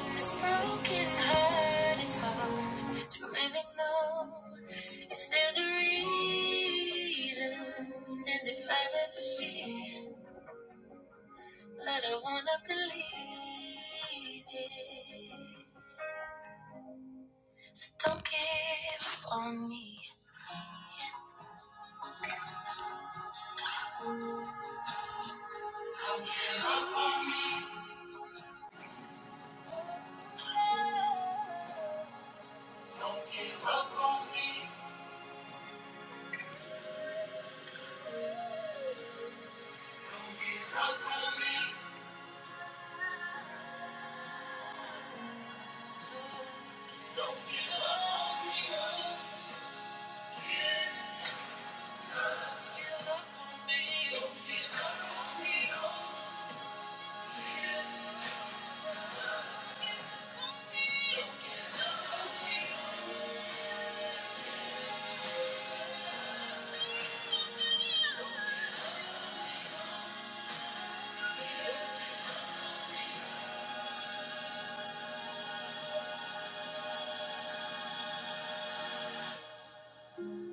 in this broken heart. It's hard to really know if there's a reason, and if I've ever seen, but I wanna believe it. So don't give on me. On me. Give up on me.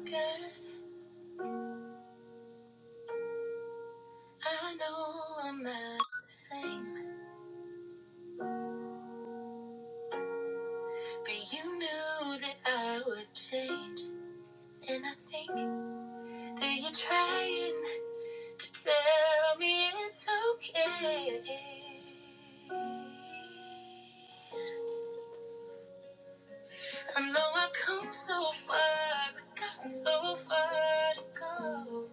God, I know I'm not the same, but you knew that I would change. And I think That you are trying to tell me it's okay? I know I've come so far, but got so far to go.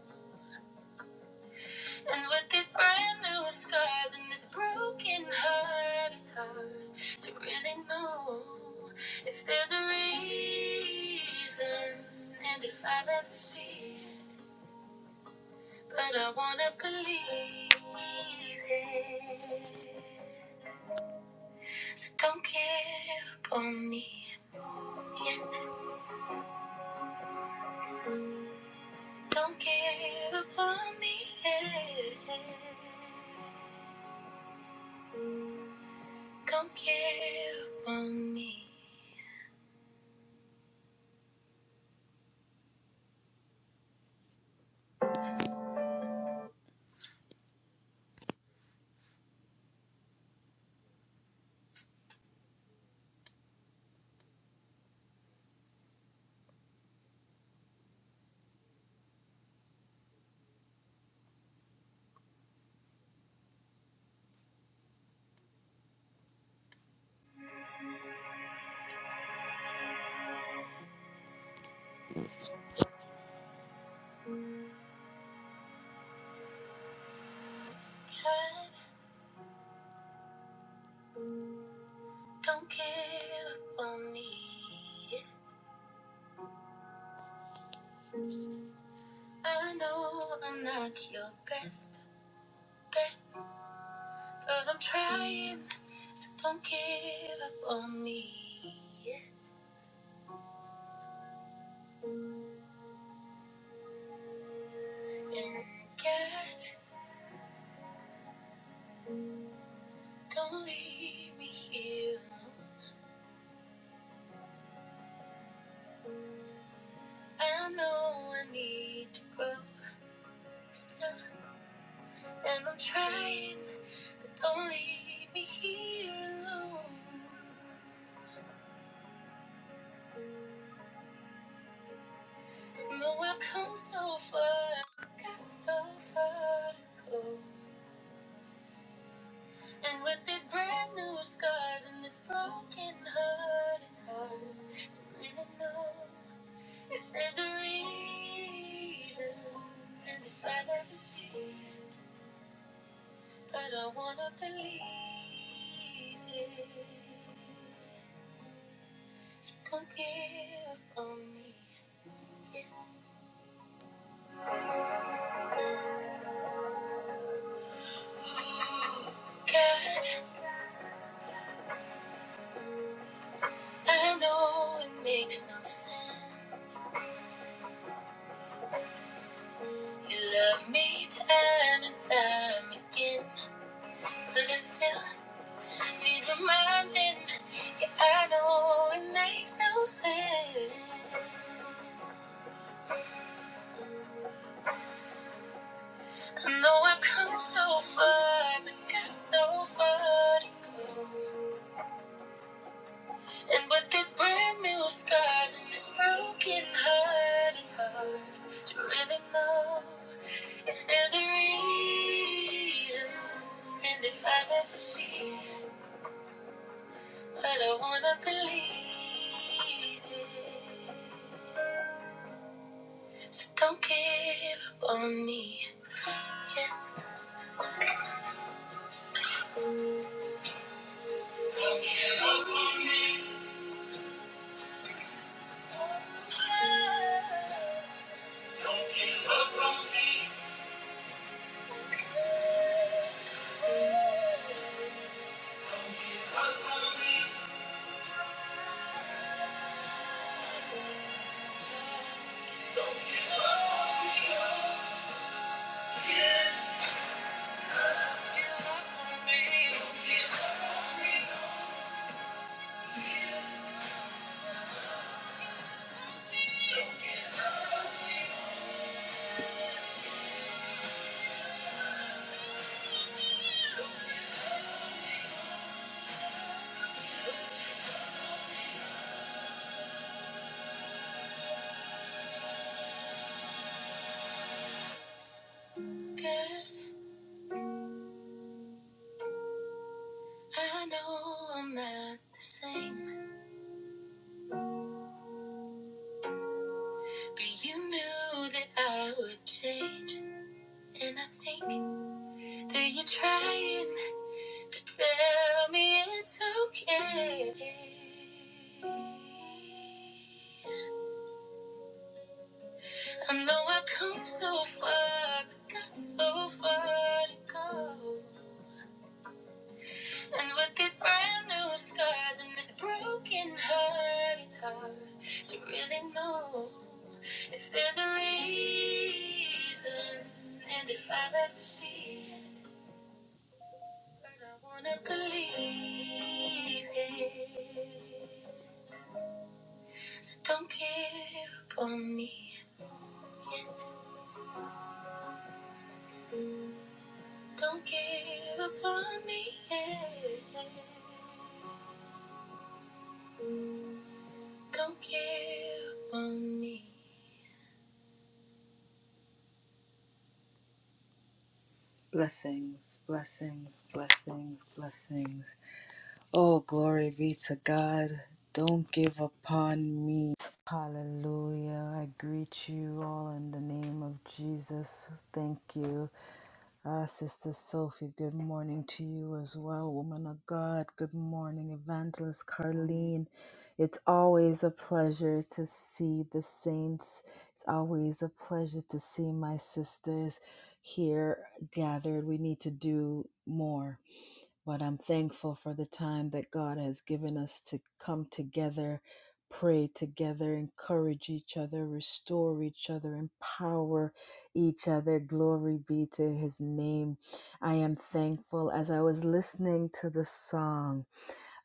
And with these brand new scars and this broken heart, it's hard to really know if there's a reason and if I've ever seen. But I wanna believe it. So don't give up on me. Don't give up on me. yeah. Don't give up on me. God, don't give up on me. I know I'm not your best bet, but I'm trying. So don't give up on me. yeah. And God. Don't leave me here. I know I need to grow still, and I'm trying. But don't leave me here alone. I know I've come so far, I've got so far to go. And with these brand new scars and this broken heart, it's hard to really know if there's a reason. And if I ever see. it. but I wanna believe it. So don't give up on me. God, I know it makes no sense. You love me time and time again. But I still need reminding. Yeah, I know it makes no sense. I know I've come so far, but got so far to go. And with these brand new scars and this broken heart, it's hard to really know if there's a reason and if I never see it. But I wanna believe it. So don't give up on me. Yeah. Don't give up on me. Give up on me. God, I know I'm not the same, but you knew that I would change, and I think that you're trying to tell me it's okay. I know I've come so far, but got so far to go. And with these brand new scars and this broken heart, it's hard to really know if there's a reason. And if I've ever seen it, but I wanna believe it. So don't give up on me. Don't give up on me. yeah. Don't give up on me. Blessings, blessings, blessings, blessings. Oh, glory be to God. Don't give upon me. Hallelujah. I greet you all in the name of Jesus. Thank you. Ah, Sister Sophie, good morning to you as well, woman of God. Good morning, Evangelist Carleen. It's always a pleasure to see the saints. It's always a pleasure to see my sisters here gathered. We need to do more. But I'm thankful for the time that God has given us to come together, pray together, encourage each other, restore each other, empower each other. Glory be to his name. I am thankful as I was listening to the song.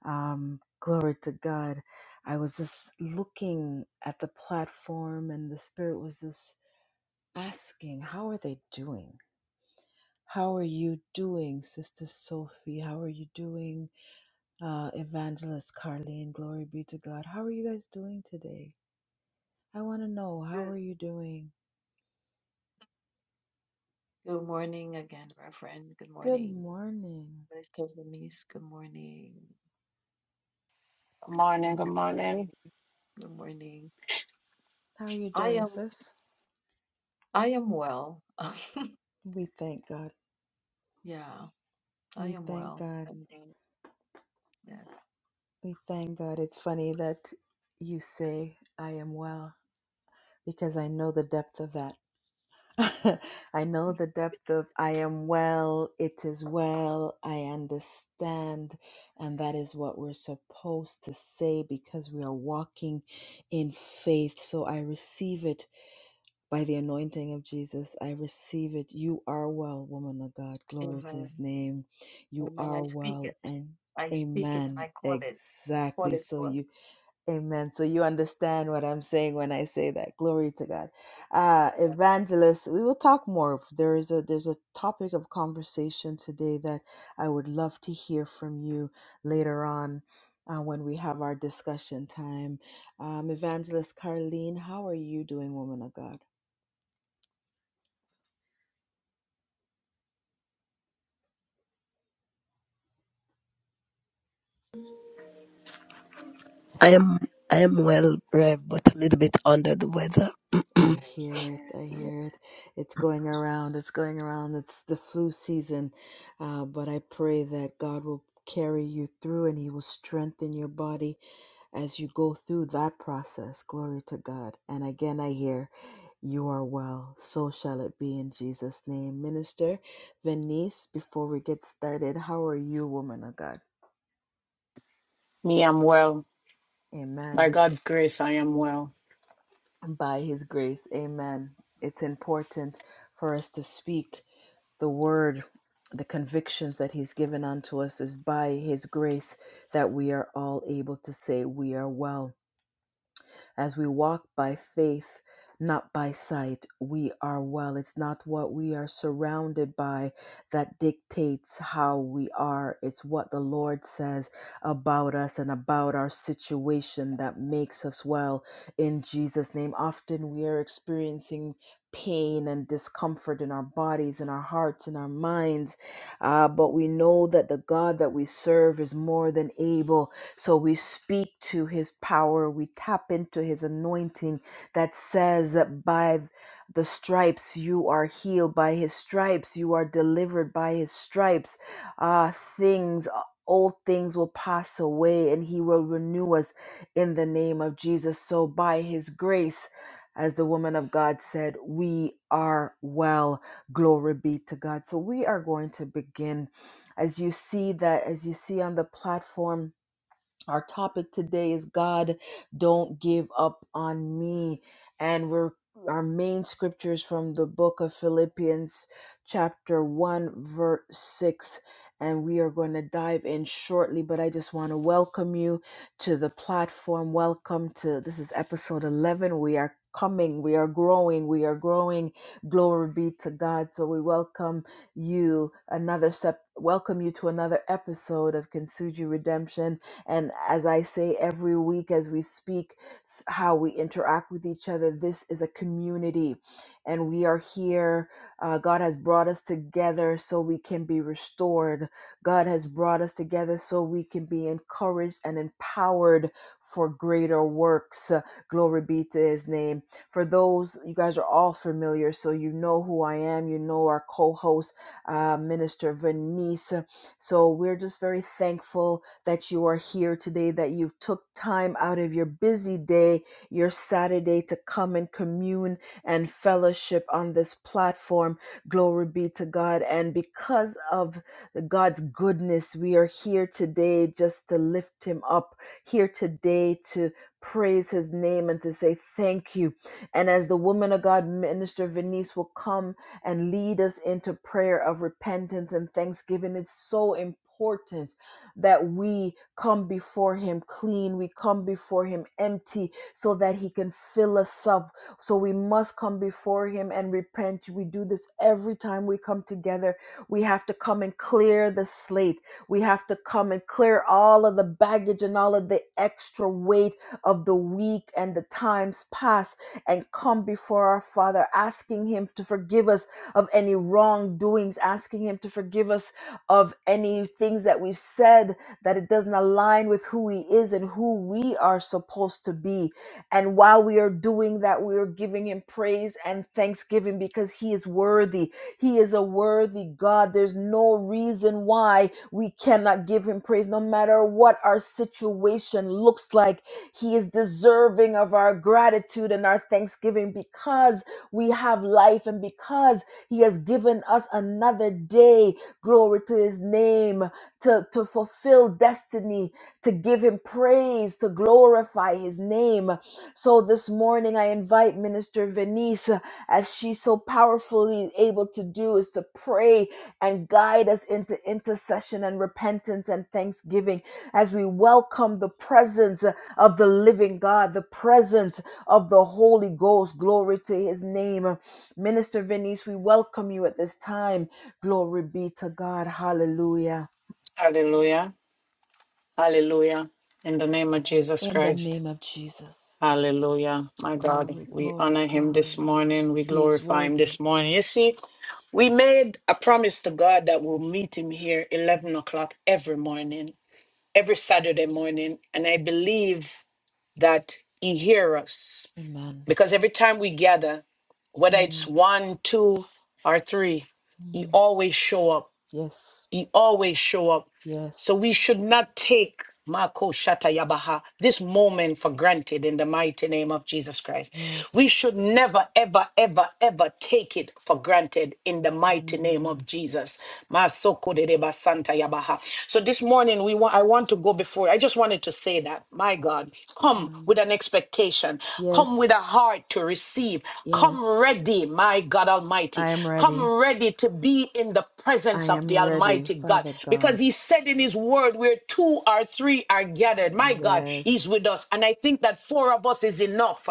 Um, glory to God. I was just looking at the platform, and the Spirit was just asking, How are they doing? How are you doing, Sister Sophie? How are you doing? uh, Evangelist Carleen, Glory be to God. How are you guys doing today? I want to know, how are you doing? Good morning. Good morning, good morning. How are you doing, sis? We thank God. We thank God. We thank God. It's funny that you say, I am well, because I know the depth of that. I know the depth of I am well, it is well, I understand. And that is what we're supposed to say because we are walking in faith. So I receive it by the anointing of Jesus. I receive it. You are well, woman of God. Glory to his name. You are well. And amen. Exactly. So you Amen. So you understand what I'm saying when I say that. Glory to God. Uh, evangelist, we will talk more. There is a there's a topic of conversation today that I would love to hear from you later on uh, when we have our discussion time. Um, evangelist Carleen, how are you doing, woman of God? I am I am well, Rev, but a little bit under the weather. I hear it. I hear it. It's going around. It's going around. It's the flu season. Uh, but I pray that God will carry you through and He will strengthen your body as you go through that process. Glory to God. And again, I hear you are well. So shall it be in Jesus' name. Minister Venice, before we get started, how are you, woman of God? Me, I'm well. By Amen. God's grace, I am well. By His grace. Amen. It's important for us to speak the word, the convictions that he's given unto us is by his grace that we are all able to say we are well. As we walk by faith, not by sight, we are well. It's not what we are surrounded by that dictates how we are. It's what the Lord says about us and about our situation that makes us well in Jesus' name. Often we are experiencing pain and discomfort in our bodies, in our hearts, in our minds, uh, but we know that the God that we serve is more than able so we speak to his power, we tap into his anointing that says, By the stripes you are healed, by his stripes you are delivered, by his stripes uh, things. Old things will pass away and he will renew us in the name of Jesus. So, by his grace, as the woman of God said, we are well. Glory be to God. So, we are going to begin as you see that, as you see on the platform our topic today is God, don't give up on me. And we're our main scriptures from the book of Philippians, chapter 1, verse 6. And we are going to dive in shortly, but I just want to welcome you to the platform. Welcome to this is episode 11. We are coming, we are growing, we are growing. Glory be to God. So we welcome you another step, welcome you to another episode of Kintsugi Redemption and as I say every week, as we speak, th- how we interact with each other, this is a community. And we are here. Uh, God has brought us together so we can be restored. God has brought us together so we can be encouraged and empowered for greater works. Uh, Glory be to his name. For those, you guys are all familiar, so you know who I am. You know our co host, uh, Minister Venice. So we're just very thankful that you are here today, that you've took time out of your busy day, your Saturday to come and commune and fellowship on this platform. Glory be to God. And because of God's goodness, we are here today just to lift him up, here today to praise his name and to say thank you. And as the woman of God, Minister Venice, will come and lead us into prayer of repentance and thanksgiving, it's so important that we come before Him clean, we come before Him empty, so that He can fill us up. So we must come before Him and repent. We do this every time we come together. We have to come and clear the slate. We have to come and clear all of the baggage and all of the extra weight of the week and the times past and come before our Father, asking Him to forgive us of any wrongdoings, asking Him to forgive us of any things that we've said that it doesn't align with who He is and who we are supposed to be. And while we are doing that, we are giving Him praise and thanksgiving because He is worthy. He is a worthy God. There's no reason why we cannot give him praise, no matter what our situation looks like. He is deserving of our gratitude and our thanksgiving because we have life and because he has given us another day. Glory to his name to, to fulfill destiny, to give him praise, to glorify his name. So this morning I invite Minister Venice, uh, as she's so powerfully able to do, is to pray and guide us into intercession and repentance and thanksgiving as we welcome the presence uh, of the living God, the presence of the Holy Ghost. Glory to his name. Minister Venice, we welcome you at this time. Glory be to God. Hallelujah. Hallelujah. Hallelujah. In the name of Jesus In the Christ. name of Jesus. Hallelujah. My God, Glory, we glory, honor him this glory. morning. We He is glorify him worthy. this morning. You see, we made a promise to God that we'll meet him here 11 o'clock every morning, every Saturday morning. And I believe that he hears us Amen. because every time we gather, whether it's Mm, one, two, or three, he mm. always show up Yes, He always show up. So yes, we should not take Mako Shata Yabaha this moment for granted in the mighty name of Jesus Christ. We yes. should never, ever, ever, ever take it for granted in the mighty name Mm, of Jesus. Masoko de Deba Santa Yabaha. So this morning we want I want to go before. I just wanted to say that, my God, come amen. with an expectation, come with a Yes, heart to receive receive. Come yes. ready, my God Almighty. I am Come ready. ready to be in the I presence of am the ready, Almighty God. Father God. Because He said in His word, where two or three are gathered, my God, He's with us. And Yes, I think that four of us is enough.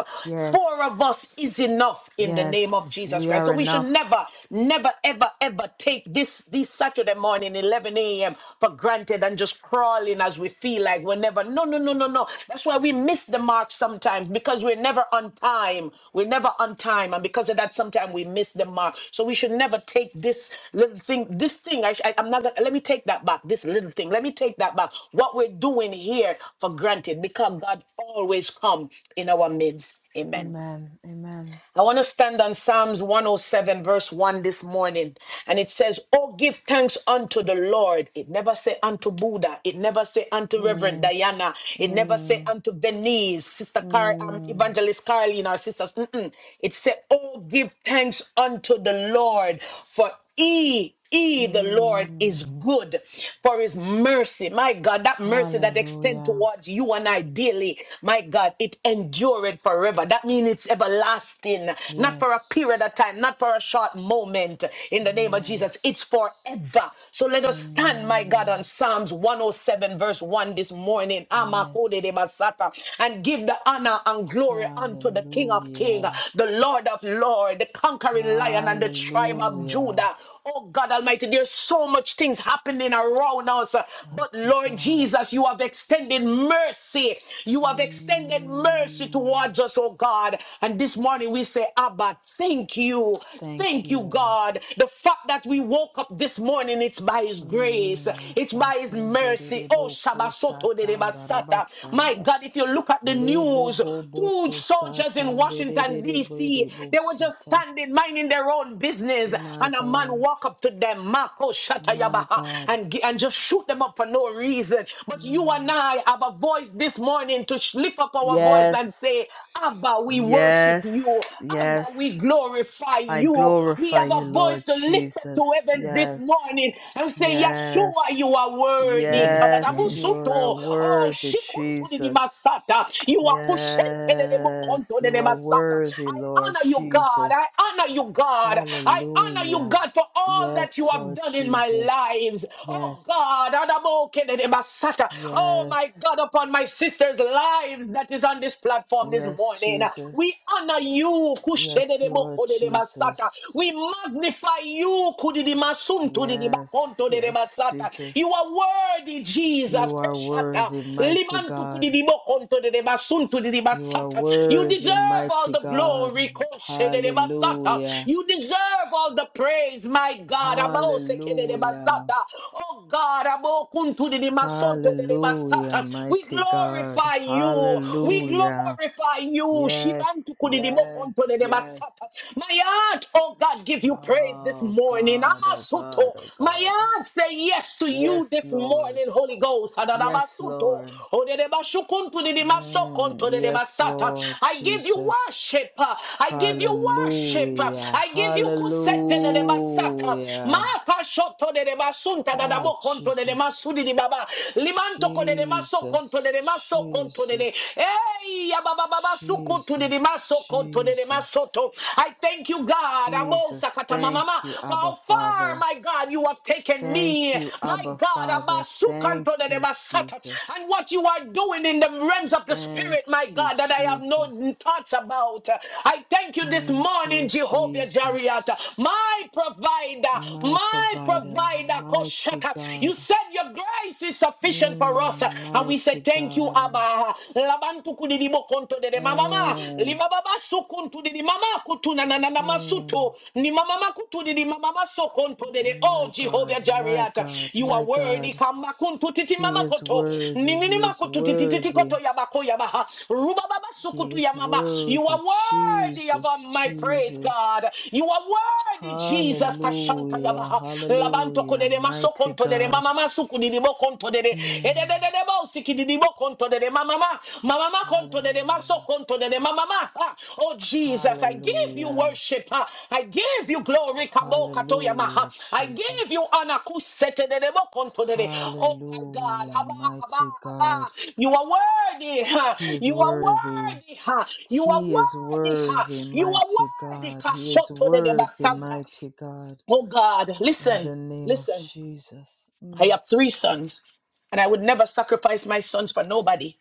Four of yes, us is enough in the name of yes. Jesus We Christ. are So we should never, enough. never, ever, ever take this, this Saturday morning, 11 a.m for granted and just crawling as we feel like we're never. No, no, no, no, no. That's why we miss the mark sometimes because we're never on time. We're never on time. And because of that, sometimes we miss the mark. So we should never take this little thing, this thing. I, sh- I, I'm not going to, let me take that back, this little thing. Let me take that back. What we're doing here for granted because God always come in our midst. Amen. Amen, amen. I want to stand on Psalms 107, verse 1 this morning. And it says, Oh, give thanks unto the Lord. It never say unto Buddha. It never say unto Reverend Mm, Diana. It never say mm, unto Venice, Sister Car- um, mm, Evangelist Caroline, our sisters. Mm-mm. It said, Oh, give thanks unto the Lord, for he E, the Lord is mm. good for his mercy. My God, that mercy that extend Hallelujah. towards you and I daily, my God, it endureth forever. That means it's everlasting, not for a period Yes. of time, not for a short moment. In the name of Jesus, it's Yes. forever. So let us stand, my God, on Amen. Psalms 107, verse 1 this morning. Amakode de basata. Yes. And give the honor and glory unto the King of Kings, Hallelujah. the Lord of Lords, the conquering lion and the tribe of Hallelujah. Judah. Oh God Almighty, there's so much things happening around us. uh, But Mighty Lord God. Jesus, you have extended mercy. You have extended mercy Mm. towards us, oh God. And this morning we say, Abba, thank you. Thank Thank you, you. God. The fact that we woke up this morning, it's by His grace, Mm. it's by His Masaten mercy. Oh, derebo ko Shabasoto de satan Basata. My darabasanda. God, if you look at the Lebo news, bobo two ko soldiers in satan Washington, D.C., derebo they were just sata. standing, minding their own business, My and a man God. walked up to them Mako My Shatayabaha, God. and, gi- and just shoot them up for no reason. But you and Mm. I have a voice this morning to sh- lift up our voice and Yes, say, Abba, we worship you. yes, Abba, we yes. glorify I you. We glorify have a you, voice Lord to lift up to Jesus. heavens this Yes, morning and say, Yeshua, you yes, are worthy. yes, yes. You yes, are Kadadabusuto. Oh, worthy, Shikuntu di di Jesus. Masata. You are Kushente de de Yes, Mokonto de you de are Masata. worthy, I Lord honor you, God. I Jesus. honor you, God. I honor you, Hallelujah. God, for all all that you Yes, have Lord done in my Jesus. lives. Oh God, Yes, Adabokedebasata. oh my yes, God, upon my sister's lives that is on this platform this yes, morning. We Jesus. honor you. Yes, Lord Kushedebokodebasata. We Jesus. magnify you. Yes, yes, Kudidimasuntudidibakontodebasata. You are Jesus. worthy, Jesus. You are Koshata. worthy, mighty God. You are Limantukudidibokontodebasuntudidibasata. You deserve worthy, all mighty the God. glory. Koshedebasata. Hallelujah. You deserve all the praise my God. Abo sekere de Hallelujah. basata. Oh God, abo kuntu de de masonto de de Hallelujah, basata. we mighty God. glorify you. We Hallelujah. glorify you. Shibantu Yes, kudi de mokonto de yes, de basata. yes. My heart, oh God, give you praise this Oh morning. God, oh Amasuto. God, oh My God. heart say yes to you Yes, this Lord. morning, Holy Ghost. Yes, Adadabasuto. Lord. Odedebashukuntu de de Mm, masokonto de de yes, basata. Lord I give you Jesus. worship. I give you worship. Hallelujah. I give you kusete de de basata basata. Ma Hallelujah. pashoto de basunta da da Ah, bo conto de masudi di Jesus. baba. Limanto ko de maso conto Jesus. de maso conto de de. Jesus. Hey, ya baba baba su conto de Jesus. maso conto de Jesus. masoto. I thank you, God. Abo Jesus. sakata mama Thank mama. you, For Abba how far, Father. my God, you have taken Thank me. you, My Abba God, Father. abasu Thank conto de you, basata. And Jesus. what you are doing in the realms of the Thank spirit, my you, God, that I have no thoughts Jesus. about. I thank you this Thank morning, you, Jehovah Jireh. Jesus, My provider, my my provider. provider, mighty Koshata. You God, said your grace is sufficient for us. mm, And we say mighty thank you, God, Abba. Labantu kudidibo konto de de mama. mama. mm, Libababa sukuntu didi mama kutuna na na na mm, masuto. Ni mama makutu didi mama maso konto de Oh, my God, Jehovah my Jariata. God, You are my worthy. God. Kamba kuntu titi He mama is koto. Ni worthy, ni ni He is makutu titi titi koto worthy, yabako yabaha. Rubababa He sukutu is yamama. You are worthy, worthy of all Jesus, my praise, God. Jesus. You are worthy, Jesus. Jesus kashanta Hallelujah, yamaha labanto hallelujah, kodere maso mighty kontodere God. mama masu kudidibo kontodere Mm, edededede bosi kididibo kontodere mama mama mama ma kontodere maso hallelujah. kontodere mama mama. oh Jesus I give you Hallelujah. worship ah. I give you glory kabo kato yamaha Hallelujah, I give you Jesus. honor kusetedede bo kontodere oh my God Hallelujah, haba haba mighty God. haba you are worthy ah. He is you are worthy. worthy ah. you are He is worthy ah. worthy, you are worthy mighty God. He is Kashoto de de worthy, basanta. mighty God. Oh God, In listen, the name of listen. Jesus. I Mm, have three sons, and I would never sacrifice my sons for nobody.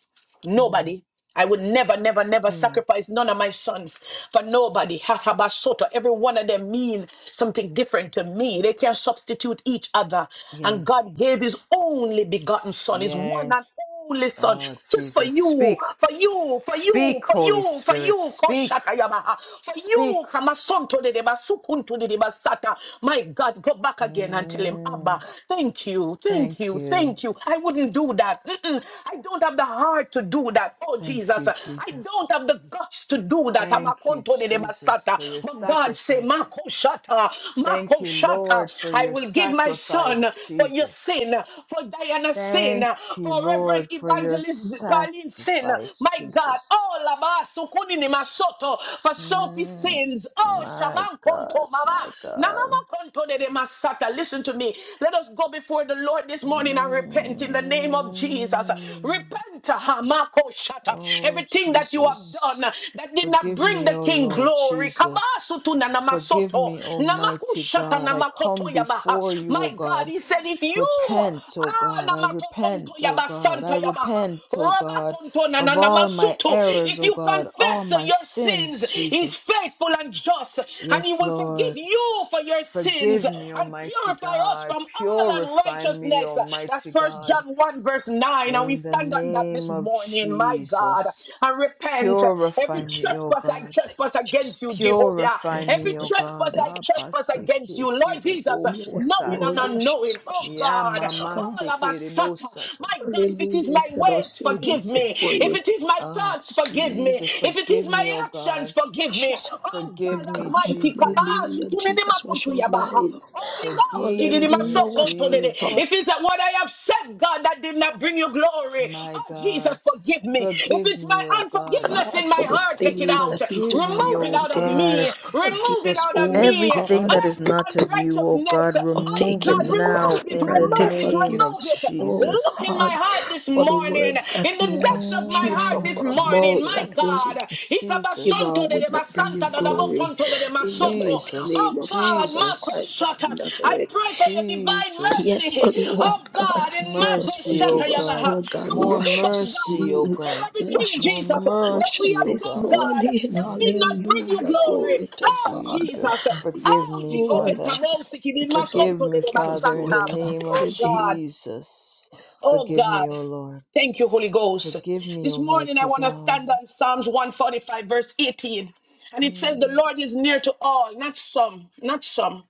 mm, Nobody. I would never, never, never mm. sacrifice none of my sons for nobody. Hatabasoto. Every one of them mean something different to me. They can't substitute each other. And Yes. God gave his only begotten son, his one Yes. and only son, Oh, just for Jesus. you, Speak. for you, for Speak, you, for Holy you, for Spirit. you, Speak. Koshatayamaha, for Speak. you, Kamasonto de Basukuntu de Basata. My God, go back again and tell him, Mm, Abba, thank you, thank thank you, you. thank you thank you. I wouldn't do that. Mm-mm. I don't have the heart to do that. Oh, Thank Jesus. you, I Jesus. don't have the guts to do that. Thank you, Amakonto de de Jesus, basata. for your But God say, sacrifice. Mako shata, Thank Mako you, shata. Lord, for I your will give my son sacrifice, for your sin, Jesus. for Diana's sin, Thank you, for Reverend Lord, for your Evangelist Carlene sin. sacrifice, My God, Jesus. all of sukuni Ukunini Masoto, for Sophie Mm, sins. Oh, my Shaman God, Konto, Mama. my God. Namama Konto de de Masata character. Listen to me. Let us go before the Lord this morning and repent in the name of Jesus. Mm. Repent, Hamako Shata. Oh, Everything that you have done Jesus, that did not forgive bring me, the O King Lord glory. Jesus. Kabasutu na Forgive namasoto. me, Namaku Almighty Shata God. I namakoto come yabaha. before you, O My God, God. He said, if you Repent, O God. I ah, namakokonto repent, O God. I yabasanta yabaha, repent, O God, rabakonto na of na all my namasutu. errors, if O you God, all confess my your sins, sins, He's Jesus. faithful and just and he Yes, will forgive Lord. you for your sins Forgive me, and Almighty purify us God. from all Purify me, unrighteousness. That's Almighty first God. John 1, verse 9. And we In the stand on that name this of morning, my God, Jesus, and repent. Every purify yes. me, Lord, O trespass I God. Thank trespass you, against you, Jesus. Jehovah. Purify Yes, Every me, O Lord God. God. trespass Thank I you, trespass Jesus. against you, Lord Jesus, Yes, knowing and Lord, Abasekerebokosata. wash us, unknowing. wash Oh us, wash God, us, God. all of us, Satan. Yamamasekerebosata. my God, if it is Hallelujah. You my said our ways, sins are forgive me. before If you. it is my Ah, thoughts, forgive me. Jesus, If it if it forgive is me, my O actions, God. forgive Wash me. us, Oh Forgive Lord God me, God. Almighty, Jesus. kabasu Hallelujah. tunini Jesus, wash makuntu our yabaha. minds. Holy Ghost, kidini Forgive me, Hallelujah. Wash masokonto our dede. thought, if Jesus. it's what I have said, God, that did not bring you glory. My Oh God, Jesus, forgive me. If forgive it's my me, O God. unforgiveness God, in my for the heart, take it things out. that we Forgive took for me, Remove it O out of granted. me. God. Forgive Remove it us, out of oh me. Everything God. that is Every not of you, O God, unrighteousness. of Oh remove it God, taking the cross now remove for it, in the granted. remove it, name Forgive of remove us, it. oh Look Jesus. in my God, heart this for the morning, words in that the we have depths of my spewed heart from Mm, this our morning, mouth my that wasn't God. Jesus, effective Jesus, or Ikabasonto de would de not bring you basanta da da glory. bokonto de de In the masoto. mighty Jesus, name Oh of God, Jesus Marco Christ Jesus, of Shata, I pray Nazareth. for your divine Yes, mercy. oh Jesus. Lord Oh God, God, in forgive Marco us, Mercy, Shata forgive O us, God. Yabaha, Lord God. to More forgive Wash us, us God, mercy, O new. for God. everything, Wash More us, Jesus, God. that Wash us we mercy, have O this done, God. God, morning. that did not Mm, bring you Hallelujah. glory. Glory to Oh God. Jesus, Jesus, forgive Yes, Oh, me, Jehovah, Lord Father. come on, Jesus, seeking in my forgive son Forgive us, to me, the forgive us, Father, in the Lord Basata. God, name of Oh in the name God. Jesus. Oh Forgive me, God. O Lord. Thank you, Holy Ghost. Forgive me, This morning, I Almighty want to God. stand on Psalms 145, verse 18. And it says, The Mm, Lord is near to all, not some, not some,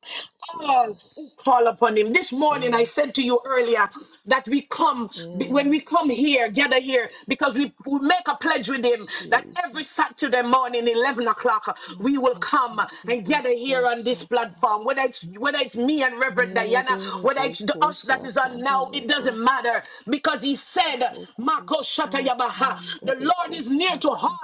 all who Jesus. call upon Him. This morning, I said to you Yes. earlier that we come, when we come here, gather Yes. here, because we, we make a pledge with Him that every Jesus. Saturday morning, 11 o'clock, we will come Matati and gather here tiboku on this sata. platform. Whether it's, whether it's me and Reverend Diana, Nerede whether it's the boku us that is on sakanda now, it doesn't bo matter because because he said, Boku Mako Shata Yabaha, sakanda the Lord bo is near to all. sata.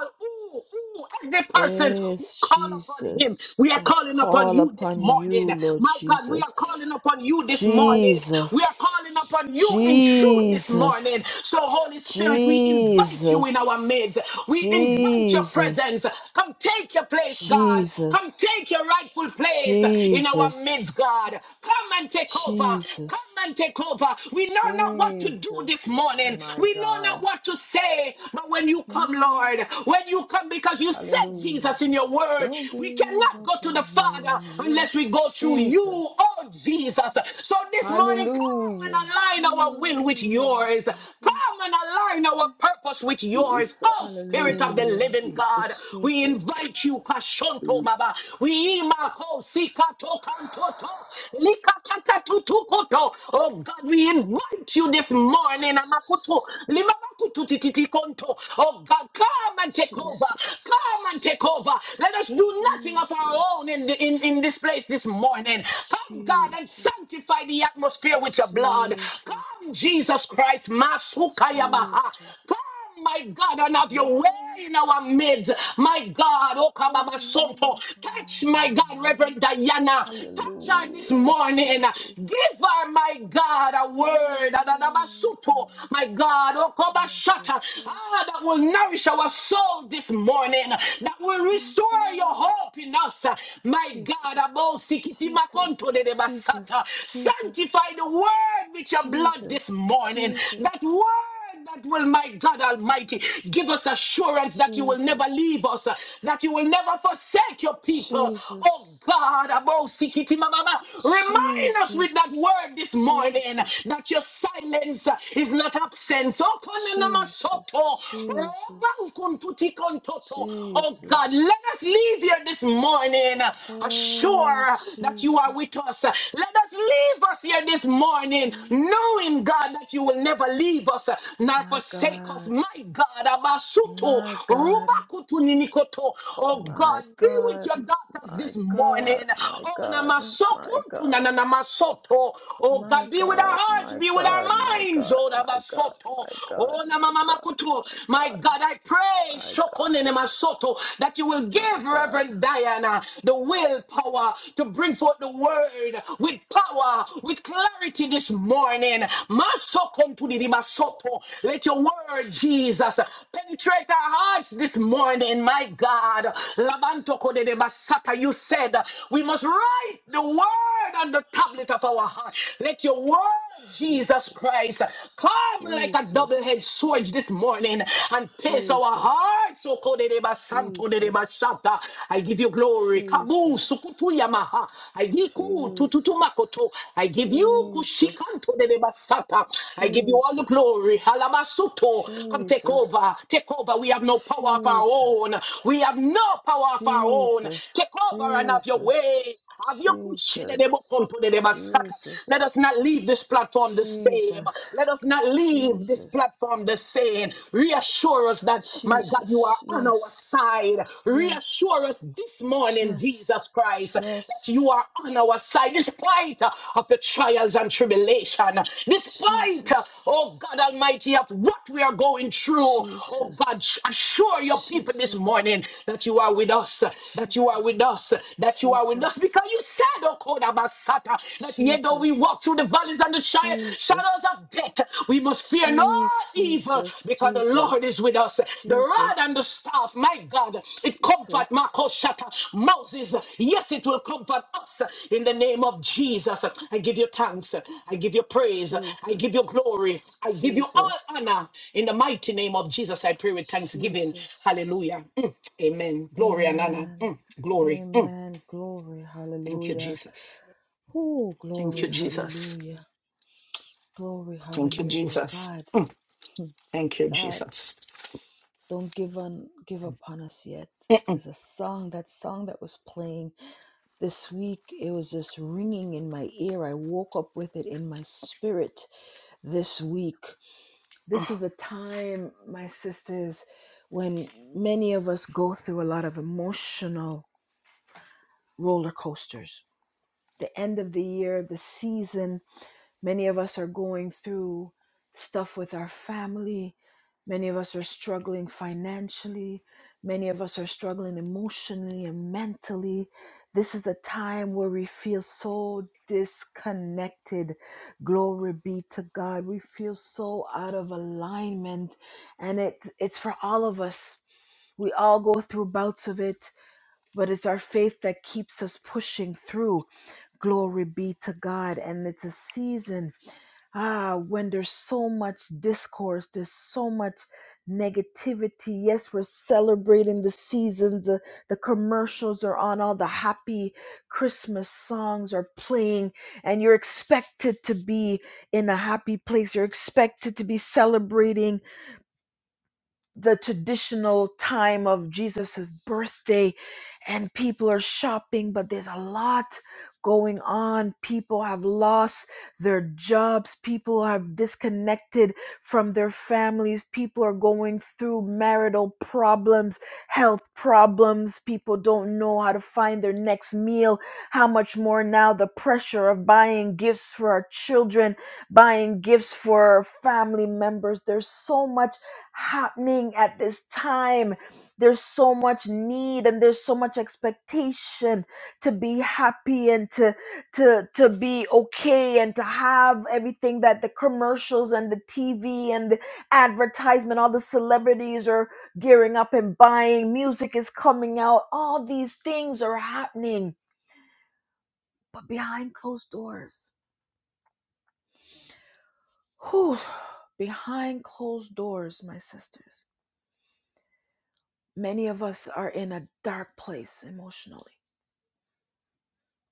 Ooh, ooh, every person who Yes, call upon him. We Jesus, are I calling upon call you this upon morning. you, Lord My God, we are Jesus. calling upon you this morning. We are Jesus, calling upon you in truth this morning. Jesus, So, Holy Spirit, we invite you in our midst. Jesus, We invite your presence. Jesus, Come take your place, God. Come take your Jesus, rightful place in our midst, Jesus, God. Come and take over. Come and take Jesus, over. We know not what not what to do this Jesus, morning. my We know not God. what to say. But when you come, Mm, Lord, when you come, because you said Hallelujah. Jesus in your word, Don't we give cannot up go to the on Father me yet, unless we go through you, oh Jesus. Jesus. So this morning, come and Hallelujah. align our will with Hallelujah. yours. Come and align our purpose with of yours. Jesus, Oh, Spirit of the Jesus, Hallelujah. living God, Jesus. we invite you, Jesus. Kashonto Baba. We imako sikato kantoto likakakatutukoto. Oh God, we we invite you this morning. Amakutu, Jesus. limabakutu tititikonto. Oh God, come and take over. Come and take Jesus. over. Let us do nothing of our own in, the, in, Jesus. in this place this morning. Come, God, and Jesus. sanctify the atmosphere with your blood. Jesus. Come, Jesus Christ. Masuka Baha. Come Jesus. my God, and have your way God, in our midst. My God, don't Okababa give Sonto, up on touch my me God, Reverend yet. Diana, touch her this Hallelujah, morning. Jesus. Give her, my God, a I word, know Adadabasuto, not- my God, I'm not your Okabashata, ah, first that will nourish our soul this morning, that will you restore your cry. hope in us. My God, Abo Jesus, Sikiti Makonto, Jesus, de Basata, Jesus, Jesus, sanctify the word with your blood this Jesus, morning. That word word that will, my God Almighty, give us assurance that you will never Jesus, leave us, uh, that you will never forsake your people. Jesus, Oh God, Abo Sikiti Mama, remind us Jesus, with that word this morning uh, Jesus, that your silence uh, is not absence. Oh Jesus, Kone Nama Jesus, Soto, Jesus, Roban Kuntuti Kontoto. Oh God, let Jesus, us leave here this morning uh, oh assured that you are with us. Jesus, Uh, Let us leave us here here this morning, Mm. knowing, God, that you will never leave us uh, nor my forsake us. God. My God, Abasuto, My God, Rubakutu Ninikoto. Oh my God, deal with God, your daughters my this morning. God, my Oh, God, my Namasokuntu God, Nanamasoto. Oh my God, be with our God, hearts, my be with our God, my minds. God, Oh, my God, Nabasoto. my God, my Oh, God, Namamakutu. my My God, God, I pray, my God, Shokonene Masoto, that you will my give God, Reverend Diana the will willpower to bring forth the word with power, with clarity this morning. Masokontunidimasoto. Let your word, Jesus, penetrate our hearts this morning, my God. Labantokodedebasata. You said we must write the word on the tablet of our heart. Let your word Lord Jesus Christ, Jesus, Jesus, Jesus, come like a double-edged Jesus, Jesus, sword this morning and pierce our Jesus, hearts. Okodedeba Jesus, santo dedeba Jesus. shata. I give you glory. Kabu Jesus, sukutu yamaha. I give Jesus, tututumakoto. I give you Jesus, kushikanto dedeba sata. I give you all the glory. Jesus, Halabasuto. Come take over. Jesus, Take over. We have no power of our own. Jesus, We have no power of our own. Take Jesus, over and have your Jesus, way. Jesus, Let Jesus, us not leave this platform the same. Jesus, Let us not leave this Jesus, platform the same. Reassure us that, my God, you are Jesus, on our yes, side. yes, Reassure us this morning, Jesus yes, Christ, that you yes, are on our side despite uh, of the trials and tribulation, despite, uh, oh Jesus. God Almighty, of what we are going through. Oh God, Jesus, assure your people this morning Jesus, that you are with us, that you are with us, Jesus, that you you are with us because you Jesus, said, O Kodabasata, that yet though we walk through the Jesus, valleys and the shadows Jesus, of death, we must fear no evil Jesus, Jesus, because the Lord is with us. The rod and Jesus, the staff, my God, it comfort Marco Shata, Moses. Yes, it will comfort us in the name of Jesus. I give you thanks. I give you praise. Jesus, I give you glory. Jesus, I give you all Jesus, honor in the mighty name of Jesus. I pray with thanksgiving. Jesus. Hallelujah. Mm, Amen. Glory and honor. Amen. Mm, Glory. Amen. Glory. Thank you, Hallelujah. Jesus. Oh, Thank glory. you, Jesus. Hallelujah. Glory. Thank you, Hallelujah. Jesus. God. Thank you, God, Jesus. don't give on give up on us yet. There's a song, that song that was playing this week, it was just ringing in my ear. I woke up with it in my spirit this week. This is a time, my sisters, when many of us go through a lot of emotional roller coasters. The end of the year, the season, Many of us are going through stuff with our family. Many of us are struggling financially. Many of us are struggling emotionally and mentally. This is the time where we feel so disconnected. Glory be to God. We feel so out of alignment. And it, it's for all of us. We all go through bouts of it, but it's our faith that keeps us pushing through. Glory be to God. And it's a season ah, when there's so much discourse, there's so much negativity. Yes, we're celebrating the seasons, the, the commercials are on, all the happy Christmas songs are playing, and you're expected to be in a happy place. You're expected to be celebrating the traditional time of Jesus's birthday and people are shopping but there's a lot going on people have lost their jobs people have disconnected from their families people are going through marital problems health problems people don't know how to find their next meal how much more now the pressure of buying gifts for our children buying gifts for our family members there's so much happening at this time. There's so much need and there's so much expectation to be happy and to to to be okay and to have everything that the commercials and the TV and the advertisement, all the celebrities are gearing up and buying, music is coming out, all these things are happening. But behind closed doors. Whew, behind closed doors, my sisters Many of us are in a dark place emotionally,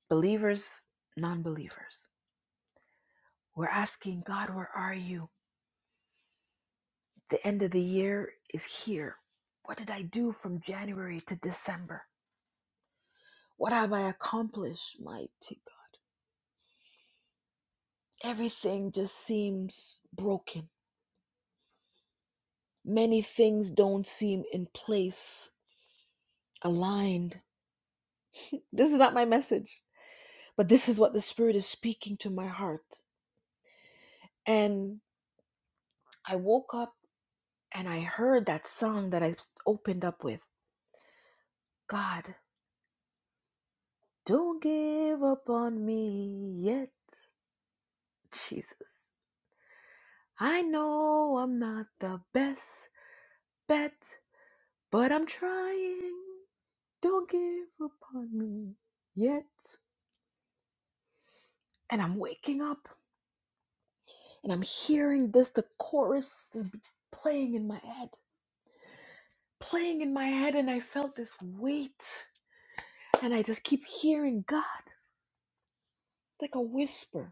believers, non believers. We're asking God, where are you? The end of the year is here. What did I do from January to December? What have I accomplished, mighty God? Everything just seems broken. Many things don't seem in place, aligned. this is not my message, but this is what the Spirit is speaking to my heart. And I woke up and I heard that song that I opened up with God, don't give up on me yet. Jesus. I know I'm not the best bet, but I'm trying. Don't give up on me yet. And I'm waking up and I'm hearing this, the chorus is playing in my head, playing in my head, and I felt this weight. And I just keep hearing God like a whisper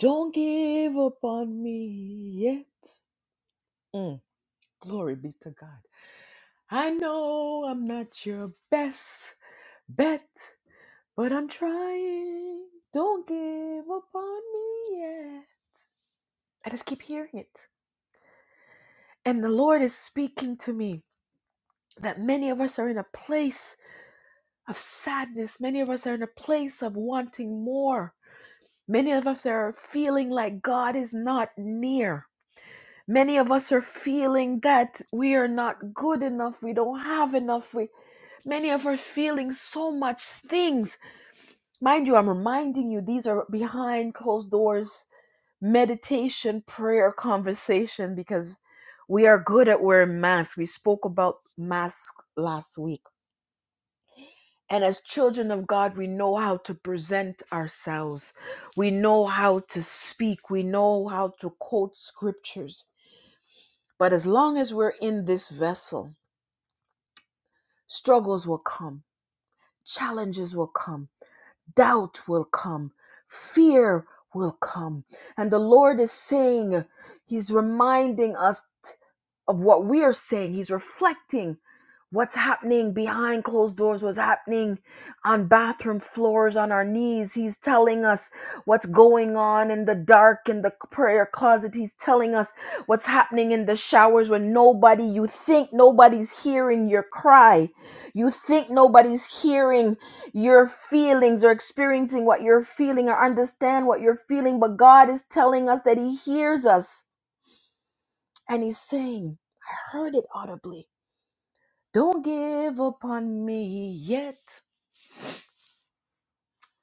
Don't give up on me yet. Mm, glory be to God. I know I'm not your best bet, but I'm trying. Don't give up on me yet. I just keep hearing it. And the Lord is speaking to me that many of us are in a place of sadness. Many of us are in a place of wanting more. Many of us are feeling like God is not near. many of us are feeling that we are not good enough we don't have enough we many of us are feeling so much things mind you i'm reminding you these are behind closed doors meditation prayer conversation because we are good at wearing masks we spoke about masks last week and as children of god we know how to present ourselves we know how to speak we know how to quote scriptures but as long as we're in this vessel Struggles will come, challenges will come doubt will come, fear will come. And the Lord is saying, He's reminding us of what we are saying. He's reflecting what's happening behind closed doors, what's happening on bathroom floors, on our knees. He's telling us what's going on in the dark, in the prayer closet. He's telling us what's happening in the showers when nobody, you think nobody's hearing your cry. You think nobody's hearing your feelings or experiencing what you're feeling or understand what you're feeling, but God is telling us that He hears us and He's saying, I heard it audibly. Don't give up on me yet.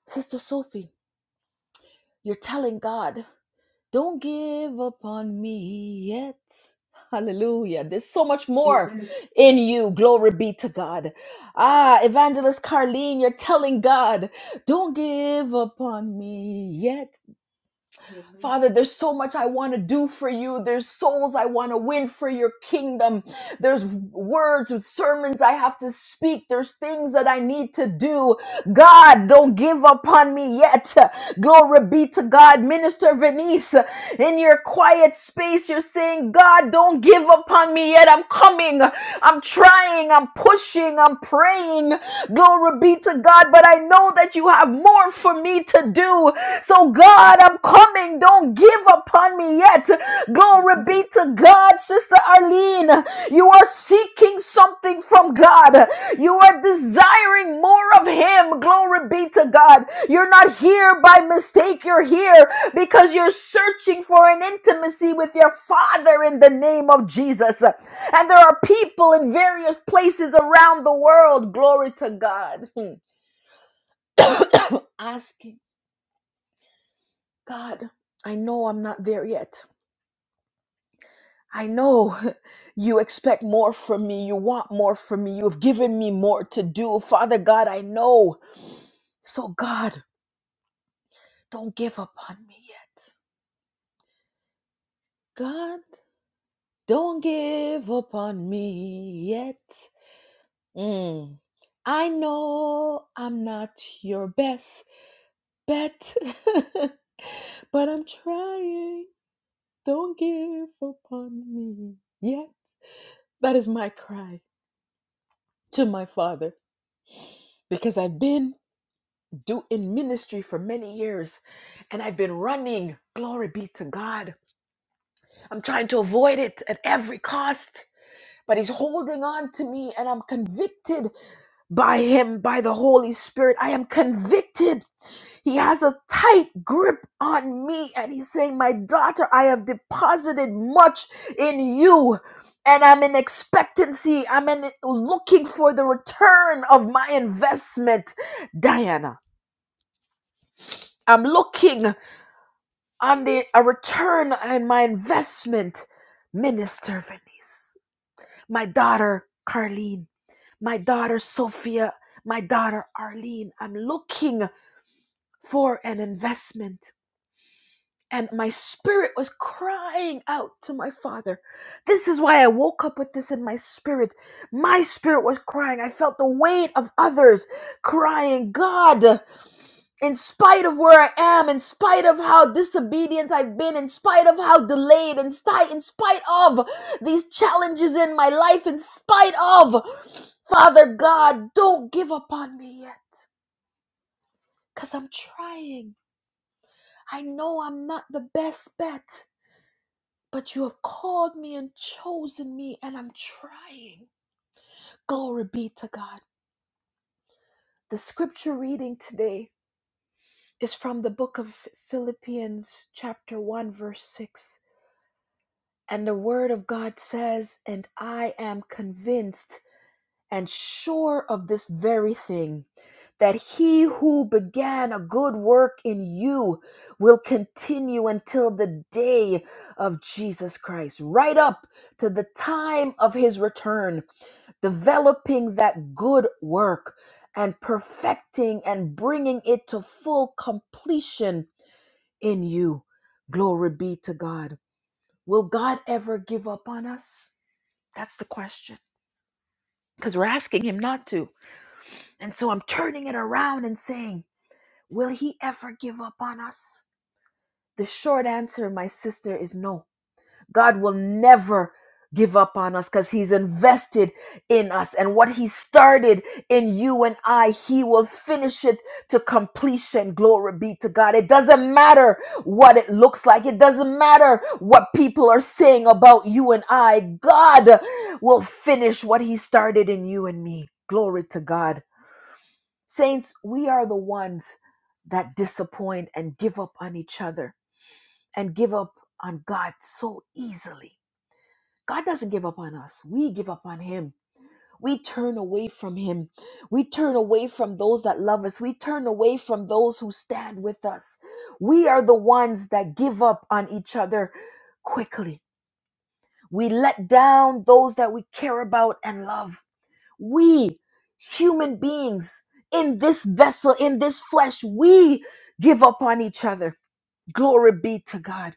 Sister Sophie, you're telling God, don't give up on me yet. Hallelujah. There's so much more in you. Glory be to God. Ah, Evangelist Carlene, you're telling God, don't give up on me yet. Father, there's so much I want to do for you. There's souls I want to win for your kingdom. There's words and sermons I have to speak. There's things that I need to do. God, don't give up on me yet. Glory be to God. Minister Venice, in your quiet space, you're saying, God, don't give up on me yet. I'm coming. I'm trying. I'm pushing. I'm praying. Glory be to God, but I know that you have more for me to do. So, God, I'm coming. Don't give up on me yet. Glory be to God, Sister Arlene. You are seeking something from God. You are desiring more of him. Glory be to God. You're not here by mistake. You're here because you're searching for an intimacy with your father in the name of Jesus. And there are people in various places around the world. Glory to God. Asking God, I know I'm not there yet. I know you expect more from me. You want more from me. You've given me more to do. Father God, I know. So, God, don't give up on me yet. God, don't give up on me yet. Mm. I know I'm not your best bet, but I'm trying. Don't give up on me yet. That is my cry to my father because I've been do in ministry for many years and I've been running. Glory be to God. I'm trying to avoid it at every cost but he's holding on to me and I'm convicted by him, by the Holy Spirit. I am convicted. He has a tight grip on me and he's saying, My daughter, I have deposited much in you. And I'm in expectancy. I'm in looking for the return of my investment, Diana. I'm looking on the a return on my investment, Minister Venice. My daughter, Carlene. my daughter Sophia, my daughter Arlene. I'm looking for an investment. And my spirit was crying out to my father. This is why I woke up with this in my spirit. My spirit was crying. I felt the weight of others crying, God in spite of where I am, in spite of how disobedient I've been, in spite of how delayed, in, spite, in spite of these challenges in my life, in spite of, Father God, don't give up on me yet. Because I'm trying. I know I'm not the best bet, but you have called me and chosen me, and I'm trying. Glory be to God. The scripture reading today is from the book of Philippians, chapter 1, verse 6 And the word of God says, and I am convinced and sure of this very thing, that he who began a good work in you will continue until the day of Jesus Christ, right up to the time of his return, developing that good work and perfecting and bringing it to full completion in you. Glory be to God. Will God ever give up on us? That's the question. Because we're asking Him not to. And so I'm turning it around and saying, Will He ever give up on us? The short answer, my sister, is no. God will never give up on us because he's invested in us and what he started in you and I he will finish it to completion glory be to God it doesn't matter what it looks like it doesn't matter what people are saying about you and I God will finish what he started in you and me glory to God saints we are the ones that disappoint and give up on each other and give up on God so easily God doesn't give up on us. We give up on Him. We turn away from Him. We turn away from those that love us. We turn away from those who stand with us. We are the ones that give up on each other quickly. We let down those that we care about and love. We, human beings, in this vessel, in this flesh, we give up on each other. Glory be to God.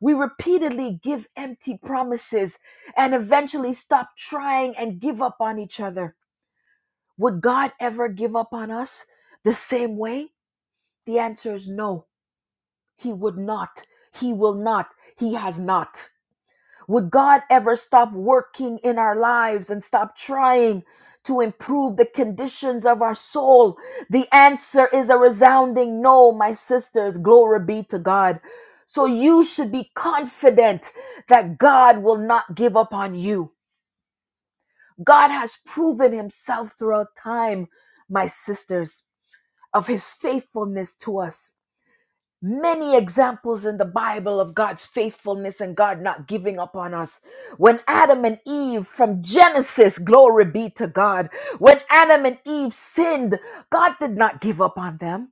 We repeatedly give empty promises and eventually stop trying and give up on each other. Would God ever give up on us the same way? The answer is no. He would not. He will not. He has not. Would God ever stop working in our lives and stop trying to improve the conditions of our soul? The answer is a resounding no, my sisters. Glory be to God. So you should be confident that God will not give up on you. God has proven himself throughout time, my sisters, of his faithfulness to us. Many examples in the Bible of God's faithfulness and God not giving up on us. When Adam and Eve from Genesis, glory be to God, when Adam and Eve sinned, God did not give up on them.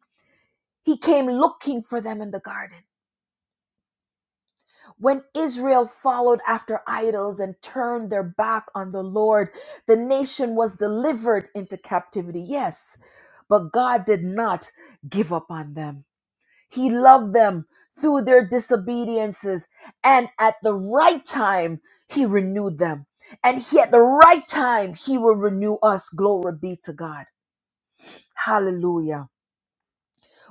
He came looking for them in the garden. When Israel followed after idols and turned their back on the Lord, the nation was delivered into captivity. Yes, but God did not give up on them. He loved them through their disobediences. And at the right time, He renewed them. And He, at the right time, He will renew us. Glory be to God. Hallelujah.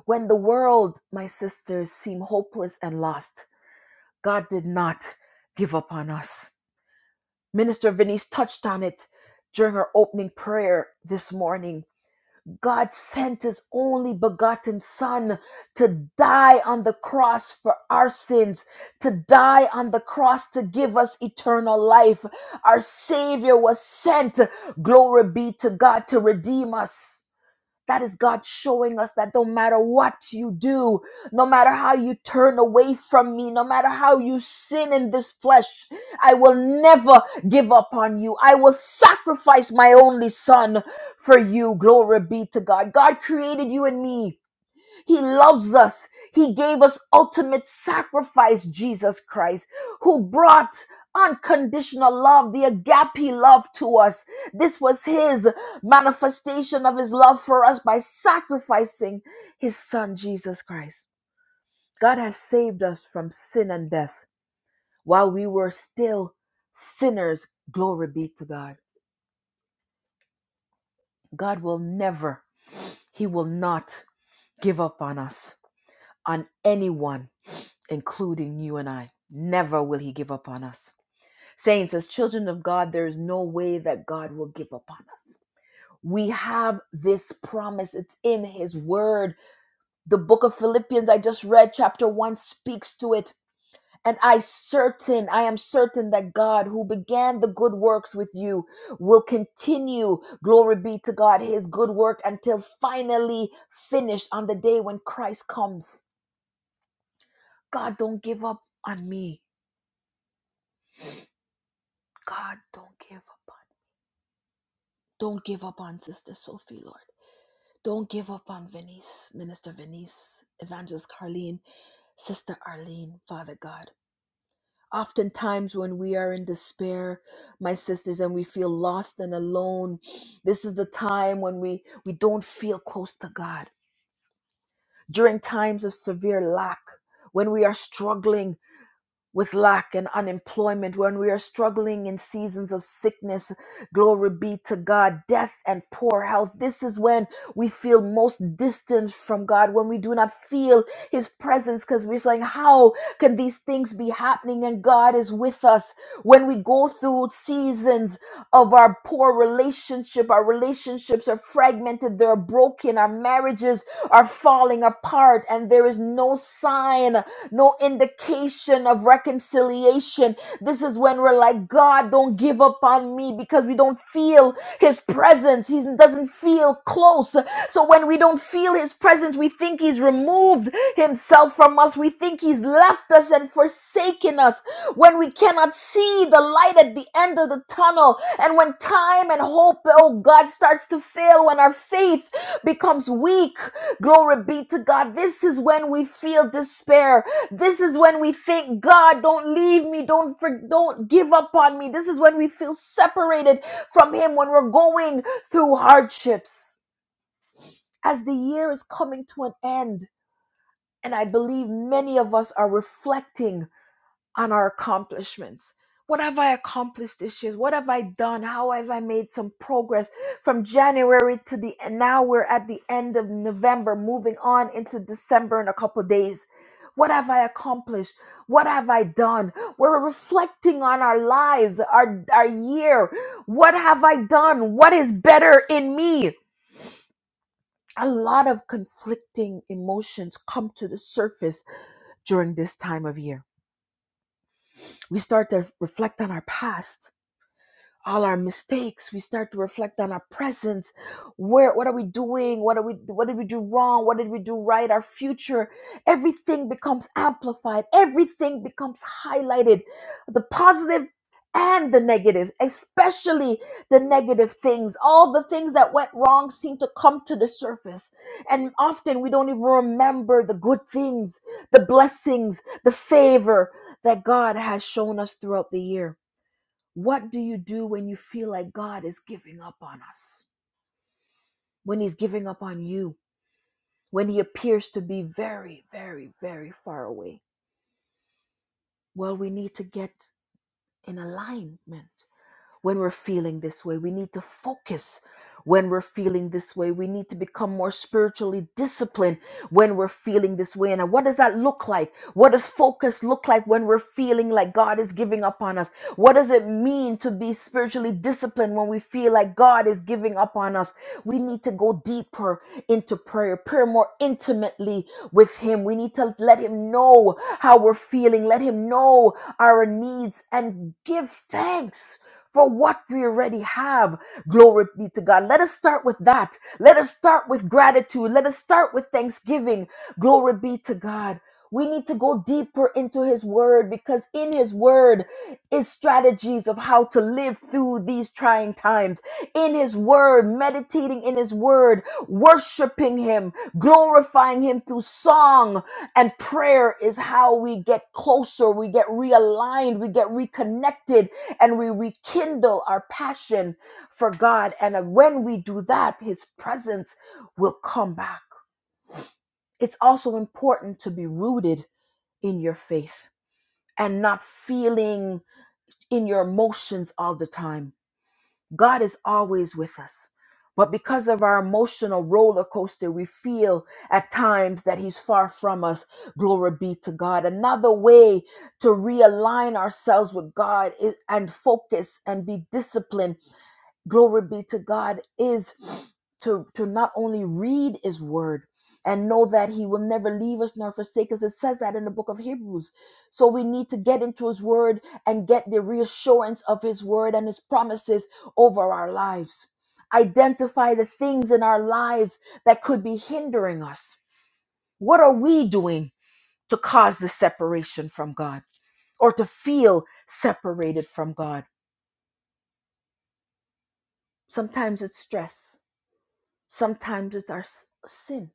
When the world, my sisters, seemed hopeless and lost, God did not give up on us. Minister Venice touched on it during her opening prayer this morning God sent his only begotten son to die on the cross for our sins, to die on the cross to give us eternal life. Our savior was sent, glory be to God, to redeem us. That is God showing us that no matter what you do, no matter how you turn away from me, no matter how you sin in this flesh, I will never give up on you. I will sacrifice my only son for you. Glory be to God. God created you and me he loves us. He gave us ultimate sacrifice, Jesus Christ, who brought unconditional love, the agape love to us. This was his manifestation of his love for us by sacrificing his son, Jesus Christ. God has saved us from sin and death while we were still sinners. Glory be to God. God will never, he will not give up on us, on anyone. including you and I. Never will he give up on us. Saints, as children of God, there is no way that God will give up on us. We have this promise, it's in his word. The book of Philippians, I just read, chapter one, speaks to it. And I certain, I am certain that God who began the good works with you will continue, glory be to God, his good work until finally finished on the day when Christ comes. God, don't give up on me. God, don't give up on. Don't give up on Sister Sophie, Lord. Don't give up on Venice, Minister Venice, Evangelist Carleen, Sister Arlene, Father God. Oftentimes, when we are in despair, my sisters, and we feel lost and alone, this is the time when we, we don't feel close to God. During times of severe lack, when we are struggling with lack and unemployment, when we are struggling in seasons of sickness, glory be to God, death and poor health. This is when we feel most distant from God, when we do not feel His presence, because we're saying, How can these things be happening? And God is with us. When we go through seasons of our poor relationship, our relationships are fragmented fragmented, they're broken, our marriages are falling apart, and there is no sign, no indication of reconciliation. This is when we're like, God, don't give up on me because we don't feel His presence. He doesn't feel close. So when we don't feel His presence, we think He's removed Himself from us. We think He's left us and forsaken in us when we cannot see the light at the end of the tunnel and when time and hope oh god starts to fail when our faith becomes weak glory be to god this is when we feel despair this is when we think god don't leave me don't for, don't give up on me this is when we feel separated from him when we're going through hardships as the year is coming to an end and i believe many of us are reflecting on our accomplishments. What have I accomplished this year? What have I done? How have I made some progress from January to the and now we're at the end of November, moving on into December in a couple of days. What have I accomplished? What have I done? We're reflecting on our lives, our our year. What have I done? What is better in me? A lot of conflicting emotions come to the surface during this time of year. We start to reflect on our past all our mistakes we start to reflect on our presence where what are we doing what are we what did we do wrong what did we do right our future everything becomes amplified everything becomes highlighted the positive and the negative especially the negative things all the things that went wrong seem to come to the surface and often we don't even remember the good things the blessings the favor that god has shown us throughout the year what do you do when you feel like God is giving up on us? When He's giving up on you? When He appears to be very, very, very far away? Well, we need to get in alignment. when we're feeling this way. We need to focus when we're feeling this way. We need to become more spiritually disciplined when we're feeling this way. And what does that look like? What does focus look like when we're feeling like God is giving up on us? What does it mean to be spiritually disciplined when we feel like God is giving up on us? We need to go deeper into prayer, prayer more intimately with Him. We need to let Him know how we're feeling, let Him know our needs, and give thanks. For what we already have. Glory be to God. Let us start with that. Let us start with gratitude. Let us start with thanksgiving. Glory be to God. We need to go deeper into his word because in his word is strategies of how to live through these trying times. In his word, meditating in his word, worshiping him, glorifying him through song and prayer is how we get closer, we get realigned, we get reconnected, and we rekindle our passion for God. And when we do that, his presence will come back. It's also important to be rooted in your faith and not feeling in your emotions all the time. God is always with us. But because of our emotional roller coaster, we feel at times that He's far from us. Glory be to God. Another way to realign ourselves with God is, and focus and be disciplined glory be to God, is to, to not only read his word and know that he will never leave us nor forsake us. It says that in the book of Hebrews. So we need to get into his word and get the reassurance of his word and his promises over our lives. Identify the things in our lives that could be hindering us. What are we doing to cause the separation from God or to feel separated from God? Sometimes it's stress. Sometimes it's our s- sin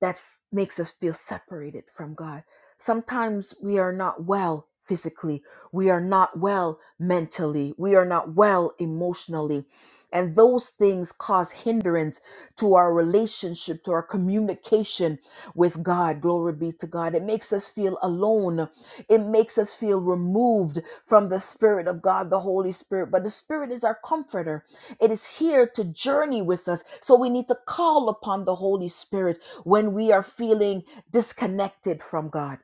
that f- makes us feel separated from God. Sometimes we are not well physically we are not well mentally. We are not well emotionally. And those things cause hindrance to our relationship, to our communication with God. Glory be to God. It makes us feel alone. It makes us feel removed from the Spirit of God, the Holy Spirit. But the Spirit is our comforter, it is here to journey with us. So we need to call upon the Holy Spirit when we are feeling disconnected from God.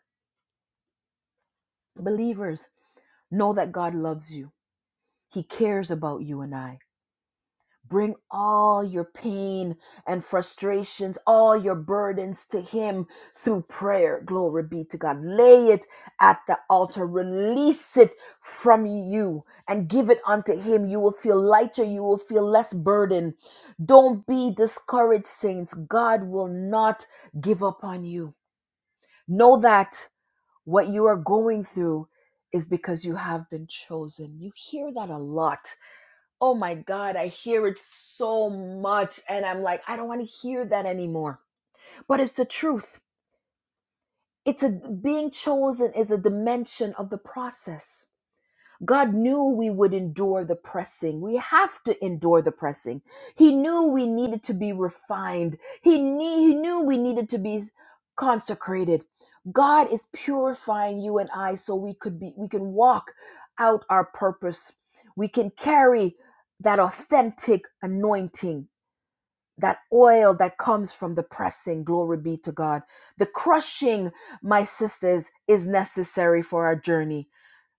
Believers, know that God loves you. He cares about you and I. Bring all your pain and frustrations, all your burdens to Him through prayer. Glory be to God. Lay it at the altar, release it from you, and give it unto Him. You will feel lighter, you will feel less burden. Don't be discouraged, saints. God will not give up on you. Know that what you are going through is because you have been chosen. You hear that a lot Oh my God, I hear it so much. And I'm like, I don't want to hear that anymore. But it's the truth. It's a being chosen is a dimension of the process God knew we would endure the pressing. We have to endure the pressing. He knew we needed to be refined. He, knew, he knew we needed to be consecrated. God is purifying you and I so we could be we can walk out our purpose. We can carry that authentic anointing, that oil that comes from the pressing. Glory be to God. The crushing, my sisters, is necessary for our journey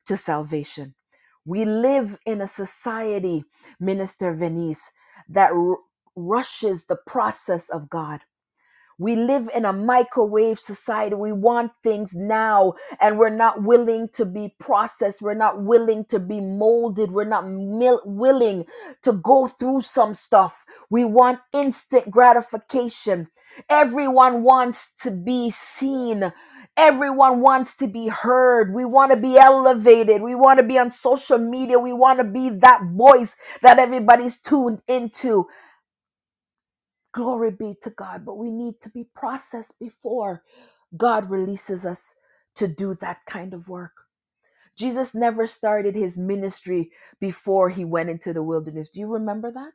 to salvation. We live in a society, Minister Venice, that r- rushes the process of God. We live in a microwave society. We want things now, and we're not willing to be processed. We're not willing to be molded. We're not mil- willing to go through some stuff. We want instant gratification. Everyone wants to be seen. Everyone wants to be heard. We want to be elevated. We want to be on social media. We want to be that voice that everybody's tuned into. Glory be to God. But we need to be processed before God releases us to do that kind of work. Jesus never started his ministry before he went into the wilderness. Do you remember that?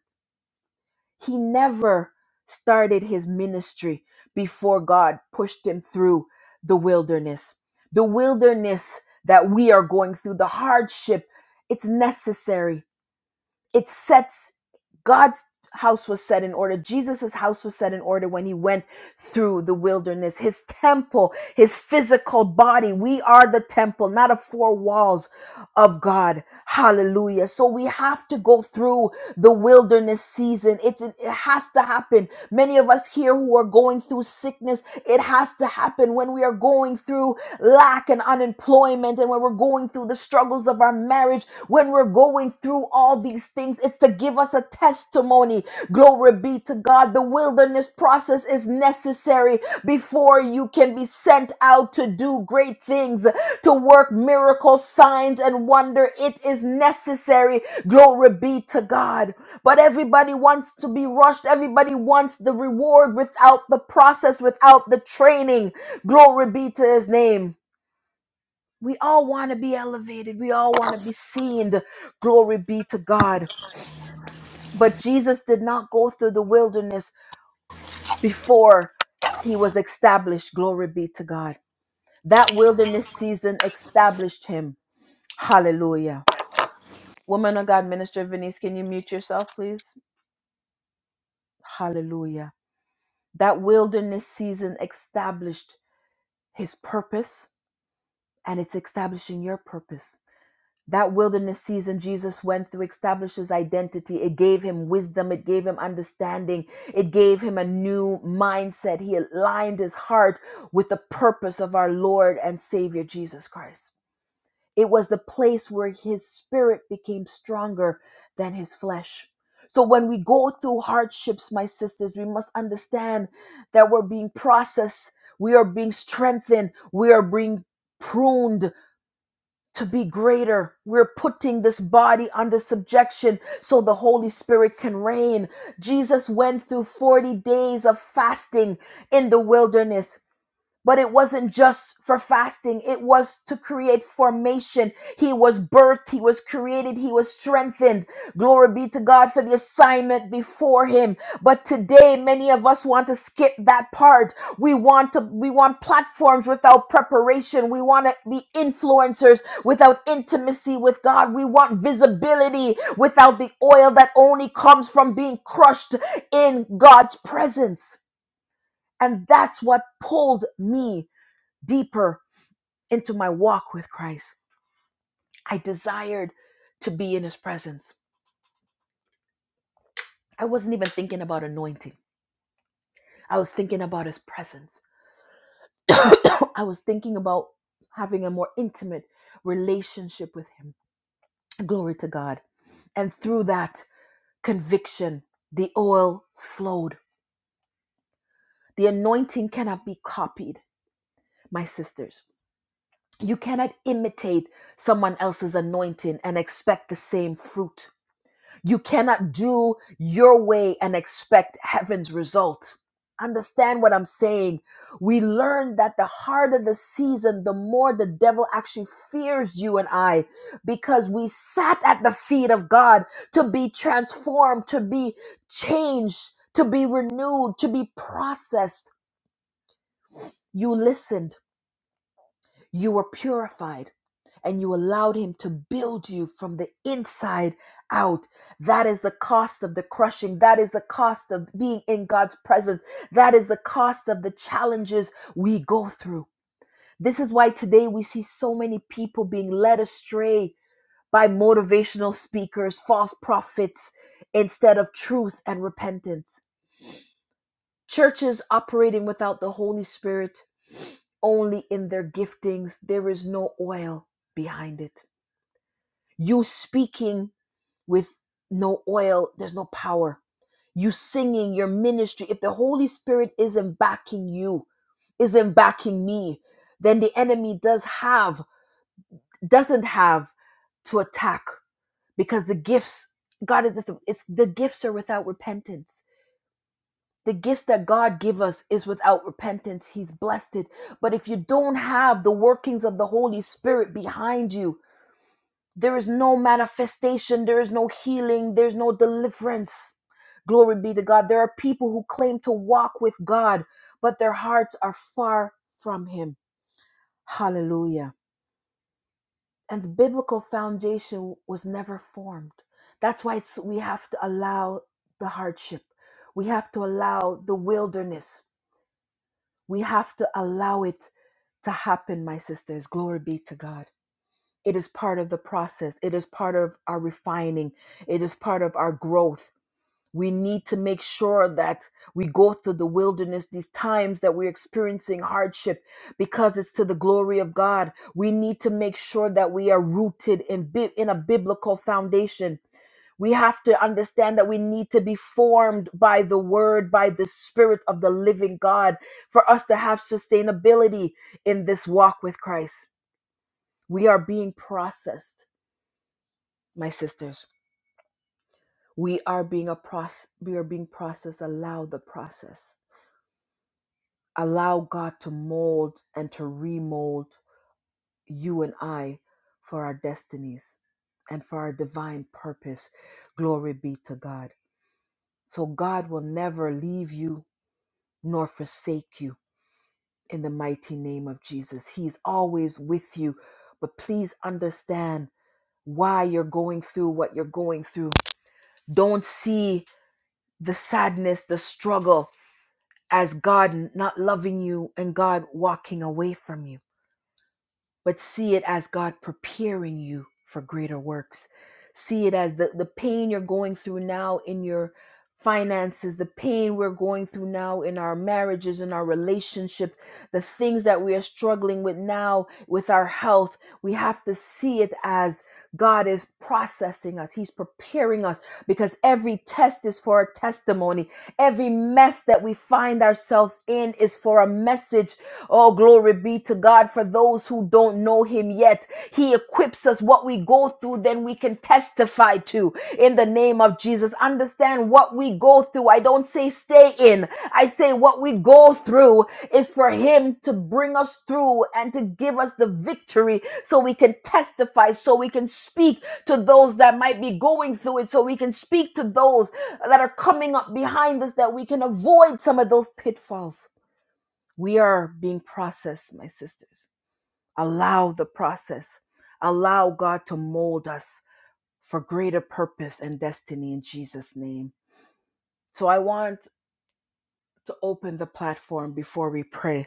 He never started his ministry before God pushed him through the wilderness. The wilderness that we are going through, the hardship, it's necessary it sets God's house was set in order. Jesus's house was set in order when he went through the wilderness. His temple, his physical body. We are the temple, not of four walls of God. Hallelujah. So we have to go through the wilderness season. It's it has to happen. Many of us here who are going through sickness, it has to happen when we are going through lack and unemployment and when we're going through the struggles of our marriage. When we're going through all these things, it's to give us a testimony. Glory be to God. The wilderness process is necessary before you can be sent out to do great things, to work miracles, signs, and wonder. It is necessary. Glory be to God. But everybody wants to be rushed. Everybody wants the reward without the process, without the training. Glory be to his name. We all want to be elevated. We all want to be seen. glory be to God. But Jesus did not go through the wilderness before he was established. Glory be to God. That wilderness season established him. Hallelujah. Woman of God, Minister Venice, can you mute yourself, please? Hallelujah. That wilderness season established his purpose and it's establishing your purpose. That wilderness season Jesus went through established his identity. It gave him wisdom. It gave him understanding. It gave him a new mindset. He aligned his heart with the purpose of our Lord and Savior Jesus Christ. It was the place where his spirit became stronger than his flesh. So when we go through hardships, my sisters, we must understand that we're being processed. We are being strengthened. We are being pruned to be greater. We're putting this body under subjection so the Holy Spirit can reign. Jesus went through 40 days of fasting in the wilderness. But it wasn't just for fasting. It was to create formation. He was birthed. He was created. He was strengthened. Glory be to God for the assignment before him. But today, many of us want to skip that part. We want to, we want platforms without preparation. We want to be influencers without intimacy with God. We want visibility without the oil that only comes from being crushed in God's presence. And that's what pulled me deeper into my walk with Christ. I desired to be in his presence. I wasn't even thinking about anointing, I was thinking about his presence. I was thinking about having a more intimate relationship with him. Glory to God. And through that conviction, the oil flowed. The anointing cannot be copied, my sisters. You cannot imitate someone else's anointing and expect the same fruit. You cannot do your way and expect heaven's result. Understand what I'm saying? We learn that the harder the season, the more the devil actually fears you and I because we sat at the feet of God to be transformed, to be changed, to be renewed, to be processed. You listened you were purified and you allowed Him to build you from the inside out. That is the cost of the crushing. That is the cost of being in God's presence. That is the cost of the challenges we go through. This is why today we see so many people being led astray by motivational speakers, false prophets, instead of truth and repentance. Churches operating without the Holy Spirit only in their giftings. There is no oil behind it. You speaking with no oil, there's no power. You singing your ministry, if the Holy Spirit isn't backing you, isn't backing me, then the enemy does have, doesn't have to attack because the gifts, God is, the- it's the gifts are without repentance the gifts that God give us is without repentance. He's blessed it. But if you don't have the workings of the Holy Spirit behind you, there is no manifestation, there is no healing, there's no deliverance. Glory be to God. There are people who claim to walk with God, but their hearts are far from Him. Hallelujah. And the biblical foundation was never formed. That's why it's, we have to allow the hardship. We have to allow the wilderness We have to allow it to happen, my sisters. Glory be to God. It is part of the process, it is part of our refining, it is part of our growth. We need to make sure that we go through the wilderness, these times that we're experiencing hardship, because it's to the glory of God. We need to make sure that we are rooted in, bi- in a biblical foundation. We have to understand that we need to be formed by the word, by the spirit of the living God for us to have sustainability in this walk with Christ. We are being processed, my sisters. We are being a process, we are being processed. Allow the process. Allow God to mold and to remold you and I for our destinies and for our divine purpose. Glory be to God. So God will never leave you nor forsake you in the mighty name of Jesus. He's always with you. But please understand why you're going through what you're going through. Don't see the sadness, the struggle as God not loving you and God walking away from you but see it as God preparing you for greater works. See it as the, the pain you're going through now in your finances, the pain we're going through now in our marriages, in our relationships, the things that we are struggling with now with our health. We have to see it as God is processing us, He's preparing us because every test is for a testimony. Every mess that we find ourselves in is for a message. Oh, glory be to God for those who don't know Him yet. He equips us what we go through, then we can testify to in the name of Jesus. Understand what we go through. I don't say stay in, I say what we go through is for Him to bring us through and to give us the victory so we can testify, so we can speak to those that might be going through it so we can speak to those that are coming up behind us that we can avoid some of those pitfalls. We are being processed, my sisters. Allow the process, allow God to mold us for greater purpose and destiny in Jesus' name. So I want to open the platform before we pray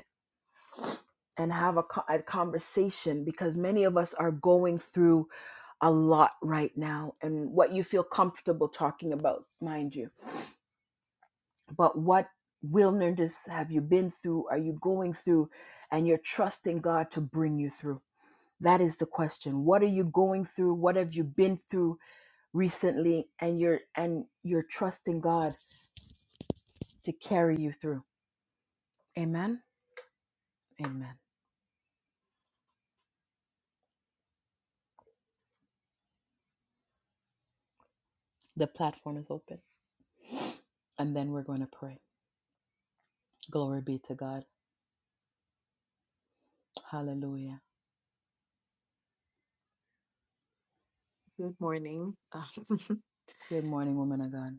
and have a, co- a conversation because many of us are going through a lot right now and what you feel comfortable talking about, mind you but what wilderness have you been through are you going through and you're trusting god to bring you through that is the question what are you going through what have you been through recently and you're and you're trusting god to carry you through amen amen the platform is open and then we're going to pray glory be to god hallelujah good morning woman of god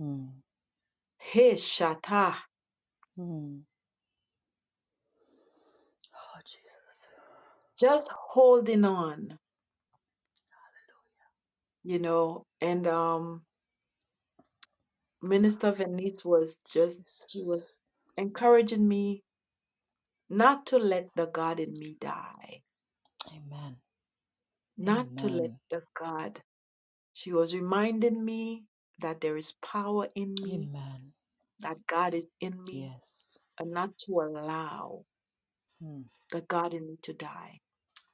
Mm, mm. oh jesus jesus amen amen amen Yes. Mm.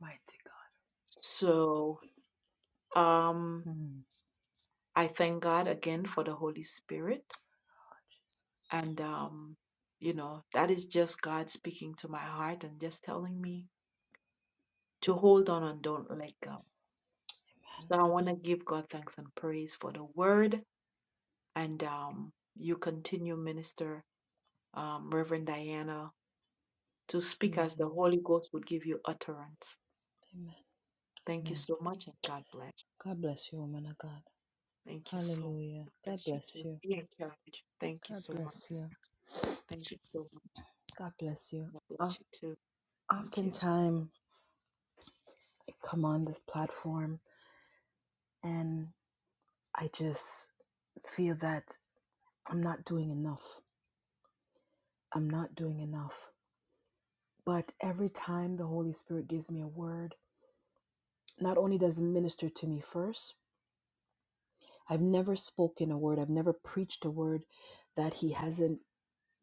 Mighty God. Mm. Amen. Amen. Amen. Amen. God bless you, woman of God. Hallelujah. God bless you. God bless you. God bless you. Of oftentimes, I come on this platform and I just feel that I'm not doing enough. I'm not doing enough. But every time the Holy Spirit gives me a word, not only does it minister to me first, I've never spoken a word, I've never preached a word that He hasn't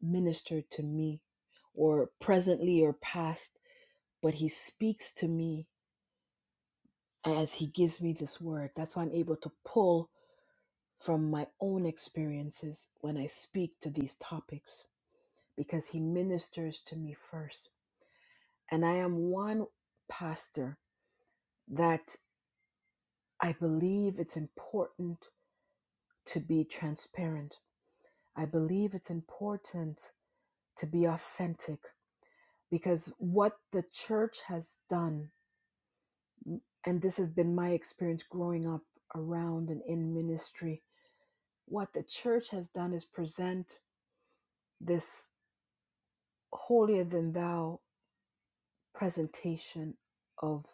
ministered to me or presently or past, but He speaks to me as He gives me this word. That's why I'm able to pull from my own experiences when I speak to these topics because He ministers to me first. And I am one pastor that I believe it's important to be transparent. I believe it's important to be authentic because what the church has done, and this has been my experience growing up around and in ministry, what the church has done is present this holier than thou presentation of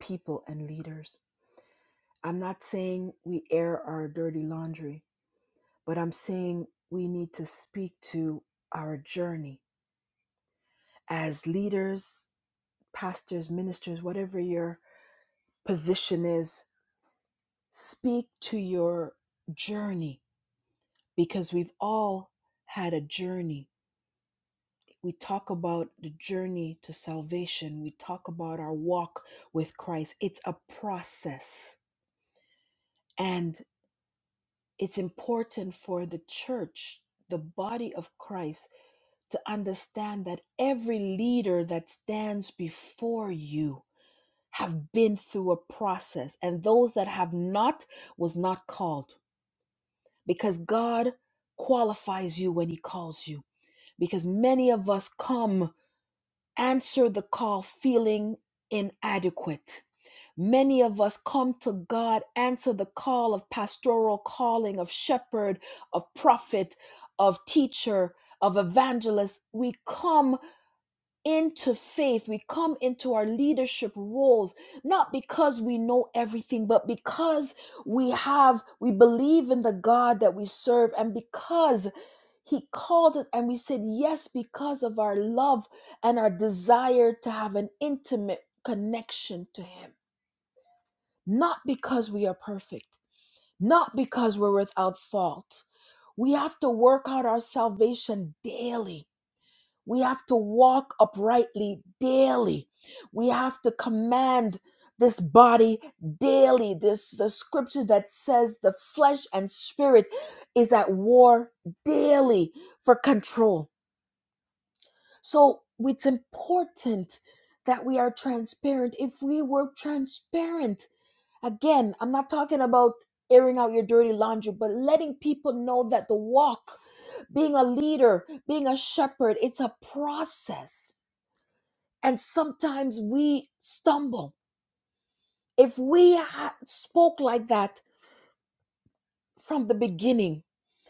people and leaders. I'm not saying we air our dirty laundry, but I'm saying we need to speak to our journey as leaders, pastors, ministers, whatever your position is Speak to your journey because we've all had a journey. We talk about the journey to salvation, we talk about our walk with Christ. It's a process, and it's important for the church. The body of Christ to understand that every leader that stands before you have been through a process, and those that have not was not called because God qualifies you when He calls you. Because many of us come, answer the call feeling inadequate. Many of us come to God, answer the call of pastoral calling, of shepherd, of prophet, of teacher, of evangelist. We come into faith, we come into our leadership roles, not because we know everything, but because we have, we believe in the God that we serve, and because He called us and we said yes because of our love and our desire to have an intimate connection to Him, not because we are perfect, not because we're without fault. We have to work out our salvation daily we have to walk uprightly daily. We have to command this body daily. This is a scripture that says the flesh and spirit is at war daily for control. So it's important that we are transparent. If we were transparent, again, I'm not talking about airing out your dirty laundry, but letting people know that the walk, being a leader, being a shepherd, it's a process and sometimes we stumble. If we ha- spoke like that from the beginning,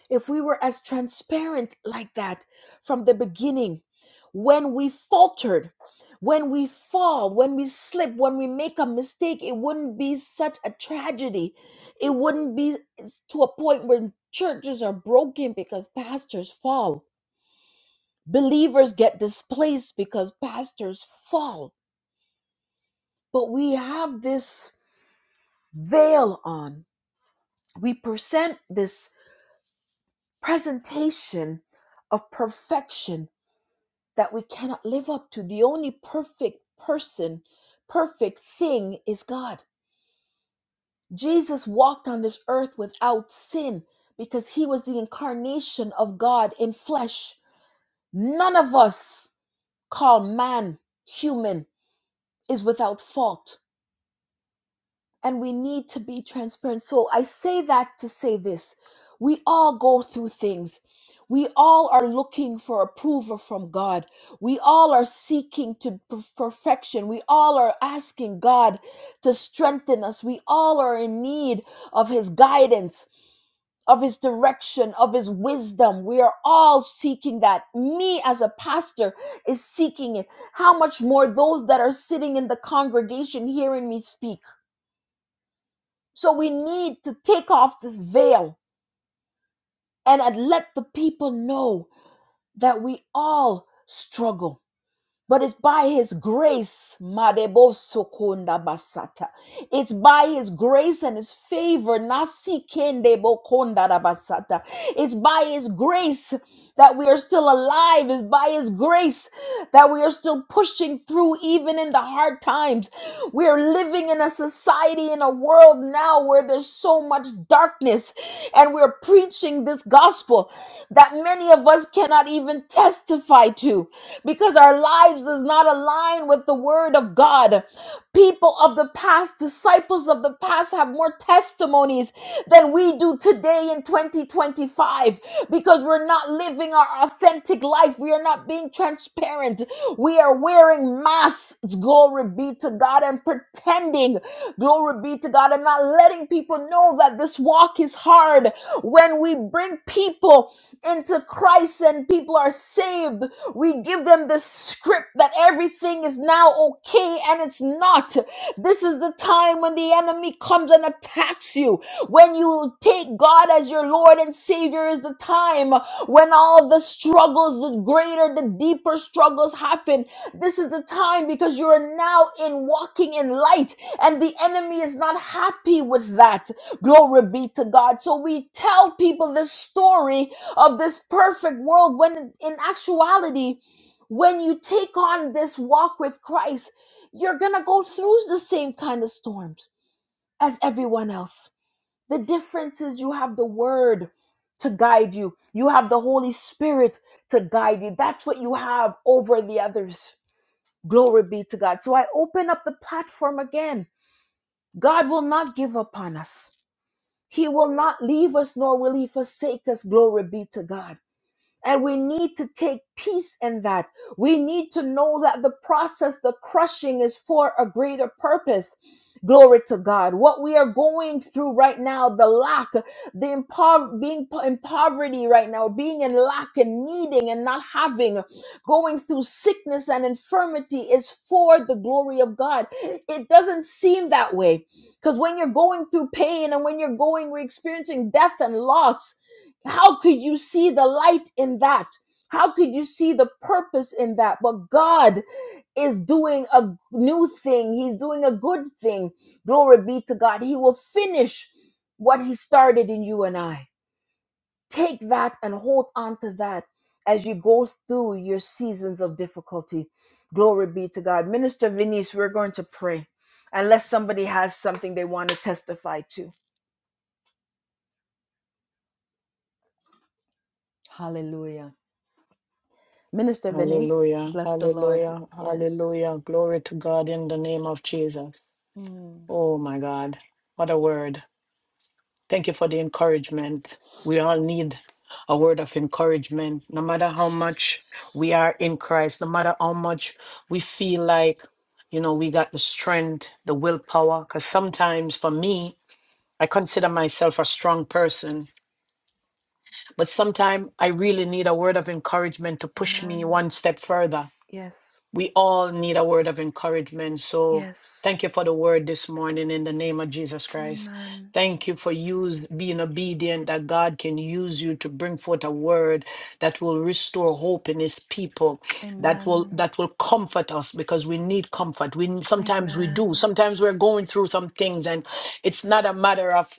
if we were as transparent like that from the beginning, when we faltered, when we fall, when we slip, when we make a mistake, it wouldn't be such a tragedy. It wouldn't be to a point where churches are broken because pastors fall. Believers get displaced because pastors fall. But we have this veil on. We present this presentation of perfection that we cannot live up to. The only perfect person, perfect thing is God. Jesus walked on this earth without sin because he was the incarnation of God in flesh. None of us, called man, human, is without fault. and we need to be transparent. So I say that to say this we all go through things. We all are looking for approval from God. We all are seeking to per- perfection. We all are asking God to strengthen us. We all are in need of His guidance, of His direction, of His wisdom. We are all seeking that. Me as a pastor is seeking it. How much more those that are sitting in the congregation hearing me speak? So we need to take off this veil and uh, let the people know that we all struggle. But it's by his grace, Madebo Sokunda Basata. It's by his grace and his favor, Nasi Kende Bokonda Basata. It's by his grace that we are still alive is by His grace, that we are still pushing through even in the hard times. We are living in a society, in a world now where there's so much darkness, and we're preaching this gospel that many of us cannot even testify to because our lives does not align with the word of God. People of the past, disciples of the past have more testimonies than we do today in 2025 because we're not living our authentic life. We are not being transparent. We are wearing masks, glory be to God, and pretending, glory be to God, and not letting people know know that this walk is hard. When we bring people into Christ and people are saved, we give them the script that everything is now okay and it's not. This is the time when the enemy comes and attacks you. When you take God as your Lord and Savior is the time when all the struggles, the greater, the deeper struggles happen. This is the time because you are now in walking in light and the enemy is not happy with that. Glory be to God. So we tell people this story of this perfect world when in actuality, when you take on this walk with Christ, you're going to go through the same kind of storms as everyone else. The difference is you have the word to guide you, you have the Holy Spirit to guide you. That's what you have over the others. Glory be to God. So I open up the platform again. God will not give up on us. He will not leave us nor will he forsake us. Glory be to God. And we need to take peace in that. We need to know that the process, the crushing is for a greater purpose. Glory to God. What we are going through right now, the lack, the impo- being po- in poverty right now, being in lack and needing and not having, going through sickness and infirmity is for the glory of God. It doesn't seem that way because when you're going through pain and when you're going, we're experiencing death and loss how could you see the light in that? How could you see the purpose in that? But God is doing a new thing. He's doing a good thing. Glory be to God. He will finish what He started in you and I. Take that and hold on to that as you go through your seasons of difficulty. Glory be to God. Minister Venice, we're going to pray unless somebody has something they want to testify to. Hallelujah. Minister Venice, Hallelujah. bless the Lord. Hallelujah. Yes. Hallelujah. Glory to God in the name of Jesus. Mm, Oh, my God. What a word. Thank you for the encouragement. We all need a word of encouragement, no matter how much we Jesus. are in Christ, no matter how much we feel like, you know, we got the strength, the willpower. Because sometimes for me, I consider myself a strong person But sometimes I really need a word of encouragement to push me Amen. one step further. Yes. We all need a word of encouragement. So Yes. thank you for the word this morning in the name of Jesus Christ. Amen. Thank you for use, being obedient that God can use you to bring forth a word that will restore hope in his people, that will Amen. that will comfort us because we need comfort. We sometimes we do. Amen. Sometimes we're going through some things and it's not a matter of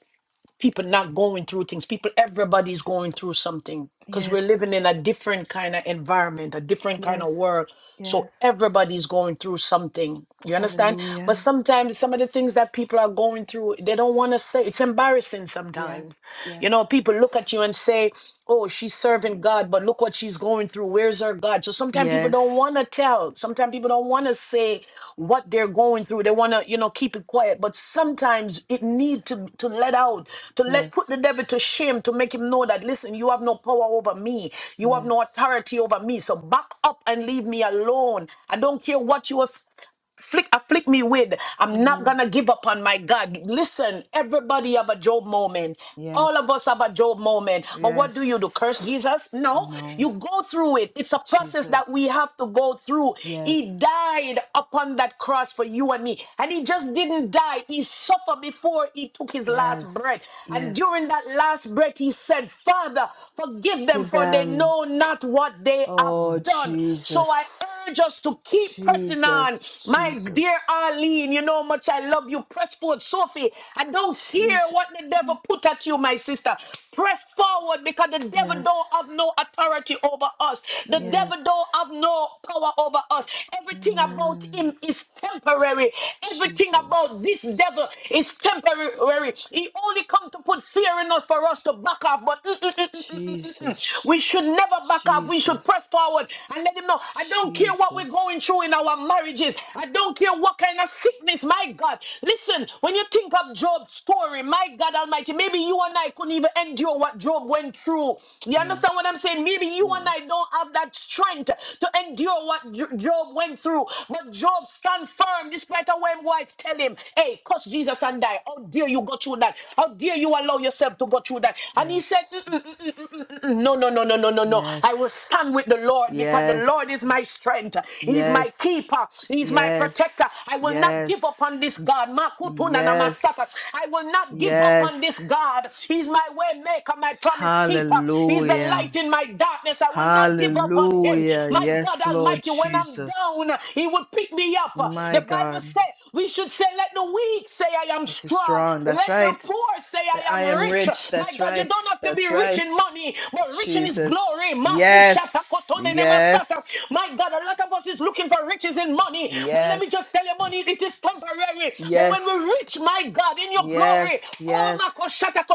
people not going through things people everybody's going through something because we're living Yes. in a different kind of environment a different kind of world Yes. so Yes. everybody's going through something you understand but Hallelujah. sometimes some of the things that people are going through they don't want to say it's embarrassing sometimes Yes. you know Yes. people look at you and say oh she's serving Mm, god but look what she's she's going through. Where's her God? So sometimes people don't Yes. want to tell. Sometimes people don't want to say what they're going through. They want to, you know, keep it quiet. But sometimes it need to to let out, to let put Yes. the devil to shame, to make him know that listen, you have no power over me. You have no Yes. authority over me. So back up and leave me alone. I don't care what you have flick afflict me with. I'm not hmm gonna give up on my God. Listen, everybody have a Job moment. All of Yes. us have a Job moment. But what do you Yes. do? Curse Jesus? No. No. You go through it. It's a process that we Jesus. have to go through. He Yes. died upon that cross for you and me. And he just didn't die. He suffered before he took his last breath. Yes. And during Yes. that last breath, he said, Father, forgive them, Give for they them. know not what they they Oh, have done. So I Jesus. urge us to keep pressing on. Jesus. My dear Jesus. Arlene, you know how much I love you. Press forward, Sophie. I don't care Jesus. what the devil put at you, my sister. Press forward because the devil don't have Yes. no authority over us. The devil don't Yes. have no power over us. Everything about him man, is temporary. Everything about this devil Jesus. is temporary. He only come to put fear in us for us to back up, but mm, mm, mm, mm, mm, mm, mm, mm. Jesus. we should never back up. We should Jesus. press forward and let him know. I don't care what we're Jesus. going through in our marriages. I don't care what kind of sickness. My God, listen. When you think of Job's story, my God Almighty, maybe you and I couldn't even endure what Job went through. You understand what I'm Yes. saying? Maybe you and I don't have that strength to endure what Jo- Job went through, but Job stand firm despite a way tell him telling him, hey, curse Jesus and die. How dare you go through that? How dare you allow yourself to go through that? And he said, Yes. "Mm, mm, mm, mm, mm, mm, mm, no, no, no, no, no, no, no. I will Yes. stand with the Lord because the Lord is Yes. my strength. He's my Yes. keeper. He's my protector. Yes. I will not give up on this Yes. God. Yes. Makutuna na masata. Yes. I will not give up on this Yes. God. He's my way maker, my promise keeper. He's the Hallelujah. light in my darkness. I will not give up on him. Hallelujah. My God Yes, Almighty Lord mighty. When I'm Jesus. down, he will pick me up. My The Bible God. says we should say, Let the weak say, I am This is strong. strong. That's Let the right. poor say, I I am am rich. rich. My That's God, you right. don't have to be That's rich right. in money, but rich in his Jesus. glory. Yes. Yes. My God, a lot of us is looking for riches in money, but let me just Yes. tell you, money it is temporary. But when we're Yes. rich, my God, in your glory, Yes. oh, Yes. makoshata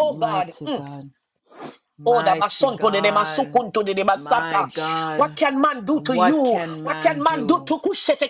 oh God. Mighty mm. God. Oh, da Mighty basonto de de God. masukunto de de My basaka. What God. can man do to What you? can What man can man do do? to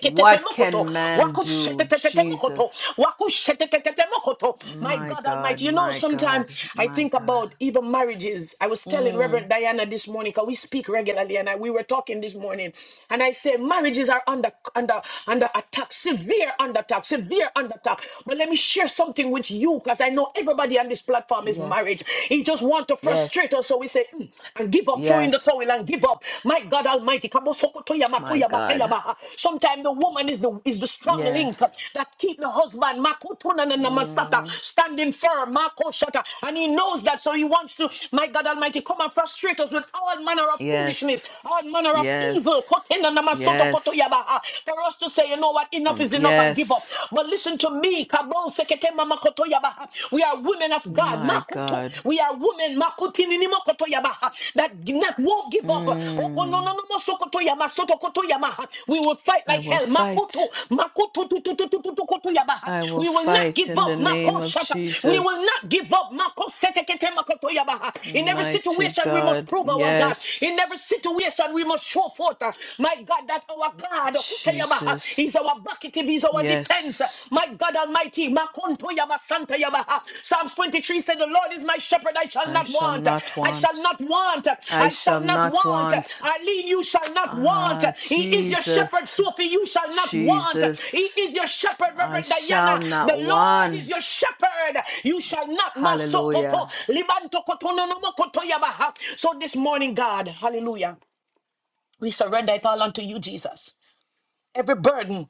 What can man do? Wakushetetetemokoto. Jesus. Wakushetetetemokoto. My My God God, Almighty. You know, my sometimes God, I my think God. about even marriages. I was telling Mm, Reverend Diana this morning, because we speak regularly, and I, we were talking this morning, and I say marriages are under under under attack, severe under attack, severe under attack. But let me share something with you, because I know everybody everybody on this platform is married. yes, He just want to frustrate yes, us. So we say, "Mm," and give up, throw in the yes. towel and give up. My God Almighty. My God. Sometimes the woman is the is the strong link Yes. that keep the husband makutunananamasata, Mm, standing firm, makoshata. and he knows that. So he wants to, my God Almighty, come and frustrate us with all manner of foolishness, yes, all manner of yes, evil. Kotenanamasoto yes. kotoyabaha, For us to say, you know what, enough Um, is enough and give up. yes. But listen listen to me. Kabo sekete mama koto yabaha. We are women of God. My Makoto. God. We are women. Makoti nini makoto yabaha. That not won't give up. Oko no Mm, no no sokoto yama soto koto yamaha. We will fight I like will hell. Makoto. fight. Makoto tu tu tu tu tu koto yabaha. I will We will not fight give in the up. name Mako of shata. We will Jesus. not give up. Mako setekete makoto yabaha. In every Mighty situation we must God. prove our God. In every Yes, situation we must show forth, uh, my God, that our God Jesus. He's our bucket, he's our defense. Yes. My God Almighty, Makonto Yaba Santa Yabaha. Psalms 23 said, The Lord is my shepherd, I shall I not shall want. not I shall want. not want. I I shall shall not not want. want. Eileen, you shall not want. Ah, He is your shepherd, Jesus, Sophie, you shall not want. Jesus, He is your shepherd, I Reverend shall Diana. The not Lord want. is your shepherd. You shall not masokoto. Hallelujah. Libanto kotono no mokoto yabaha. So this morning, God, hallelujah. We surrender it all unto you, Jesus. Every burden.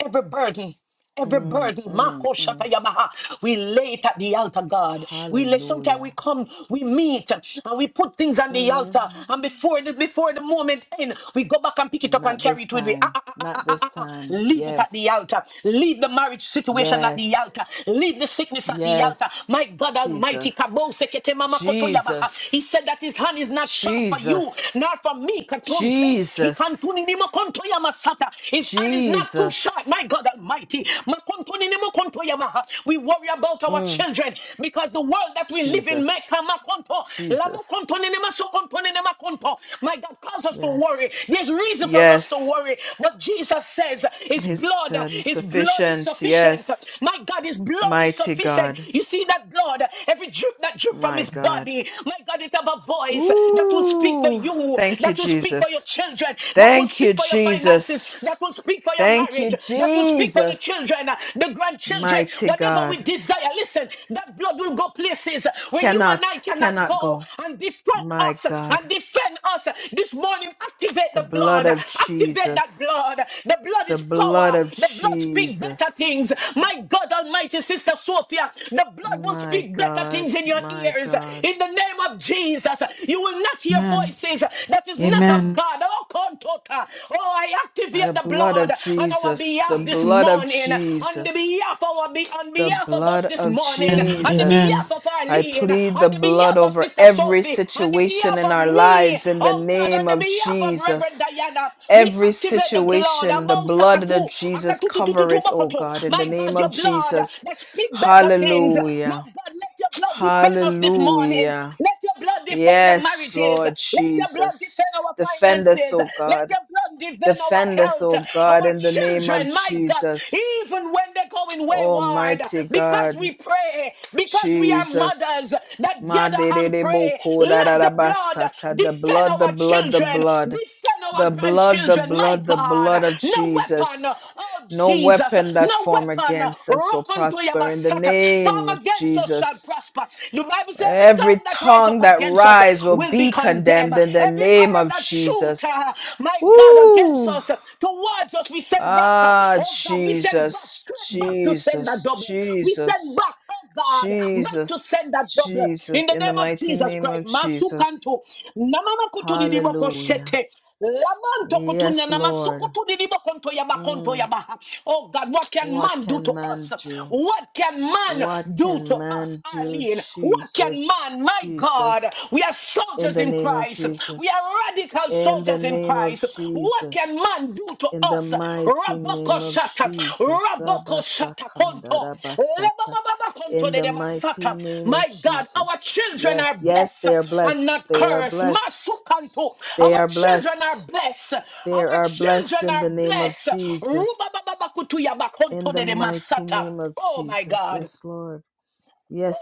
Every burden, every Mm, burden, mm, Mako Shata mm. Yabaha, we lay it at the altar, God. We lay sometimes Hallelujah. we come, we meet, and we put things on the altar, Mm. and before the before the moment end, we go back and pick it up and Not carry this it with me. Ah, time. ah, ah, ah, Not ah, this ah, ah. time. Leave it at the Yes. altar. Leave the marriage situation at the Yes. altar. Leave the sickness at the altar. My Yes. God Almighty, Jesus. Kabo Sekete Mama Koto Yabaha. He Jesus. said that his hand is not sharp for you, nor Jesus. for me. Katon ton. He can tuni nimo Jesus. konto yamasata. His hand is not too short. My God Jesus. Almighty. Makontoninimukontoyamaha. We worry about our Mm, children because the world that we live in, Jesus. Mecca, Makonto, Jesus. Labokontoninimasokontoninimakonto. my God, calls us to worry. Yes. There's reason for us to Yes. worry. But Jesus says, His His blood, uh, just His blood is sufficient. sufficient. Yes. My God, His blood is Mighty sufficient. God. You see that blood, every drip that drip from My His God. body, my God, it have a voice that will speak for Ooh. you, Thank you, that will speak for your Jesus. children, that will Thank you, speak for your finances, Jesus. that will speak for your Thank marriage, you, that will speak for the children, Jesus. uh, the grandchildren, Mighty whatever we God. desire. Listen, that blood will go places where you and I Cannot, cannot cannot go go. and defend My us God. and defend us. This morning, activate The the blood blood, of activate that Jesus. blood. The blood The is blood power, of the blood speaks better things. Jesus. My God Almighty, Sister Sophia, the blood will My speak better God. things in your My ears. God. In the name of Jesus, you will not hear voices. that that is not of God. Oh, kontota. oh I The activate the blood blood of on our Jesus, the behalf this blood of morning, on the Jesus, behalf of our be- on the behalf of us blood this of morning, on the Jesus. behalf of I Arlene, plead the on the blood behalf of over Sister every Sophie, on the situation behalf in of our me, lives in the oh God, on name the of behalf of Reverend Jesus. Diana, we Every activate the blood. situation, the Among blood of Sakatu, Jesus, Akatu, tu, tu, tu, cover tu, it, oh Bokoto. God, in the My name God, your of blood Jesus. that speak better things. My Hallelujah. God, let your blood defend us this morning. Hallelujah. Let your blood defend the Yes, marriages. Lord Let your blood Jesus. defend our Defend us, finances. oh Let God. your blood defend our Defend us, health, O God, our in the name of children. My God, Jesus. even when they're going wayward, Almighty because God, we pray, because we are mothers Jesus. that ma gather de and de pray, ko da da let the blood The defend blood, the our blood, the children, blood. defend our The blood, the grandchildren. My blood, the God, blood of no weapon, Jesus. oh No Jesus, weapon that no form weapon, against us will rock unto your prosper in the basata, name of farm against us shall Jesus. prosper. The Bible says, every tongue Every tongue that rise tongue up that against us rise will will be be condemned. condemned in the Every name arrow of that shoot, Jesus. uh, my God, against Woo! us, uh, towards us, we send back. uh, Ah, Oh God, we send back, Jesus, straight back to send a Jesus, double. We send Jesus, back, oh God, back to Jesus, send a double. In Jesus, the in the name of mighty Jesus name of Christ, Masukanto, Jesus. Namamakutu Didiboko Hallelujah. Shete. Lamanto kutunya Yes, na Lord. masukutu konto yaba konto Mm, yaba. Oh God, what can what man do can to us? man do? What can man What do can to us, man do? Arlene? What can Jesus, man, my God? Jesus, We are in soldiers the in name of Christ. We are Jesus, radical in the soldiers in name of Christ. What Jesus. can man do to In the us? mighty Rabba name of Shata, Jesus, Raboko Shata Konto, Abasakandarabasata. Lebababa Konto in de the mighty Masata. name of My God, our Jesus. children are Yes, yes, blessed they are and blessed. not They are cursed. blessed. Masukanto, They our are children are blessed. blessed. They Our are blessed children in are the name of blessed. Rubababa Jesus. Kutuya In Bakonto the de mighty Masata. name of Oh my Jesus. God. Yes, Lord.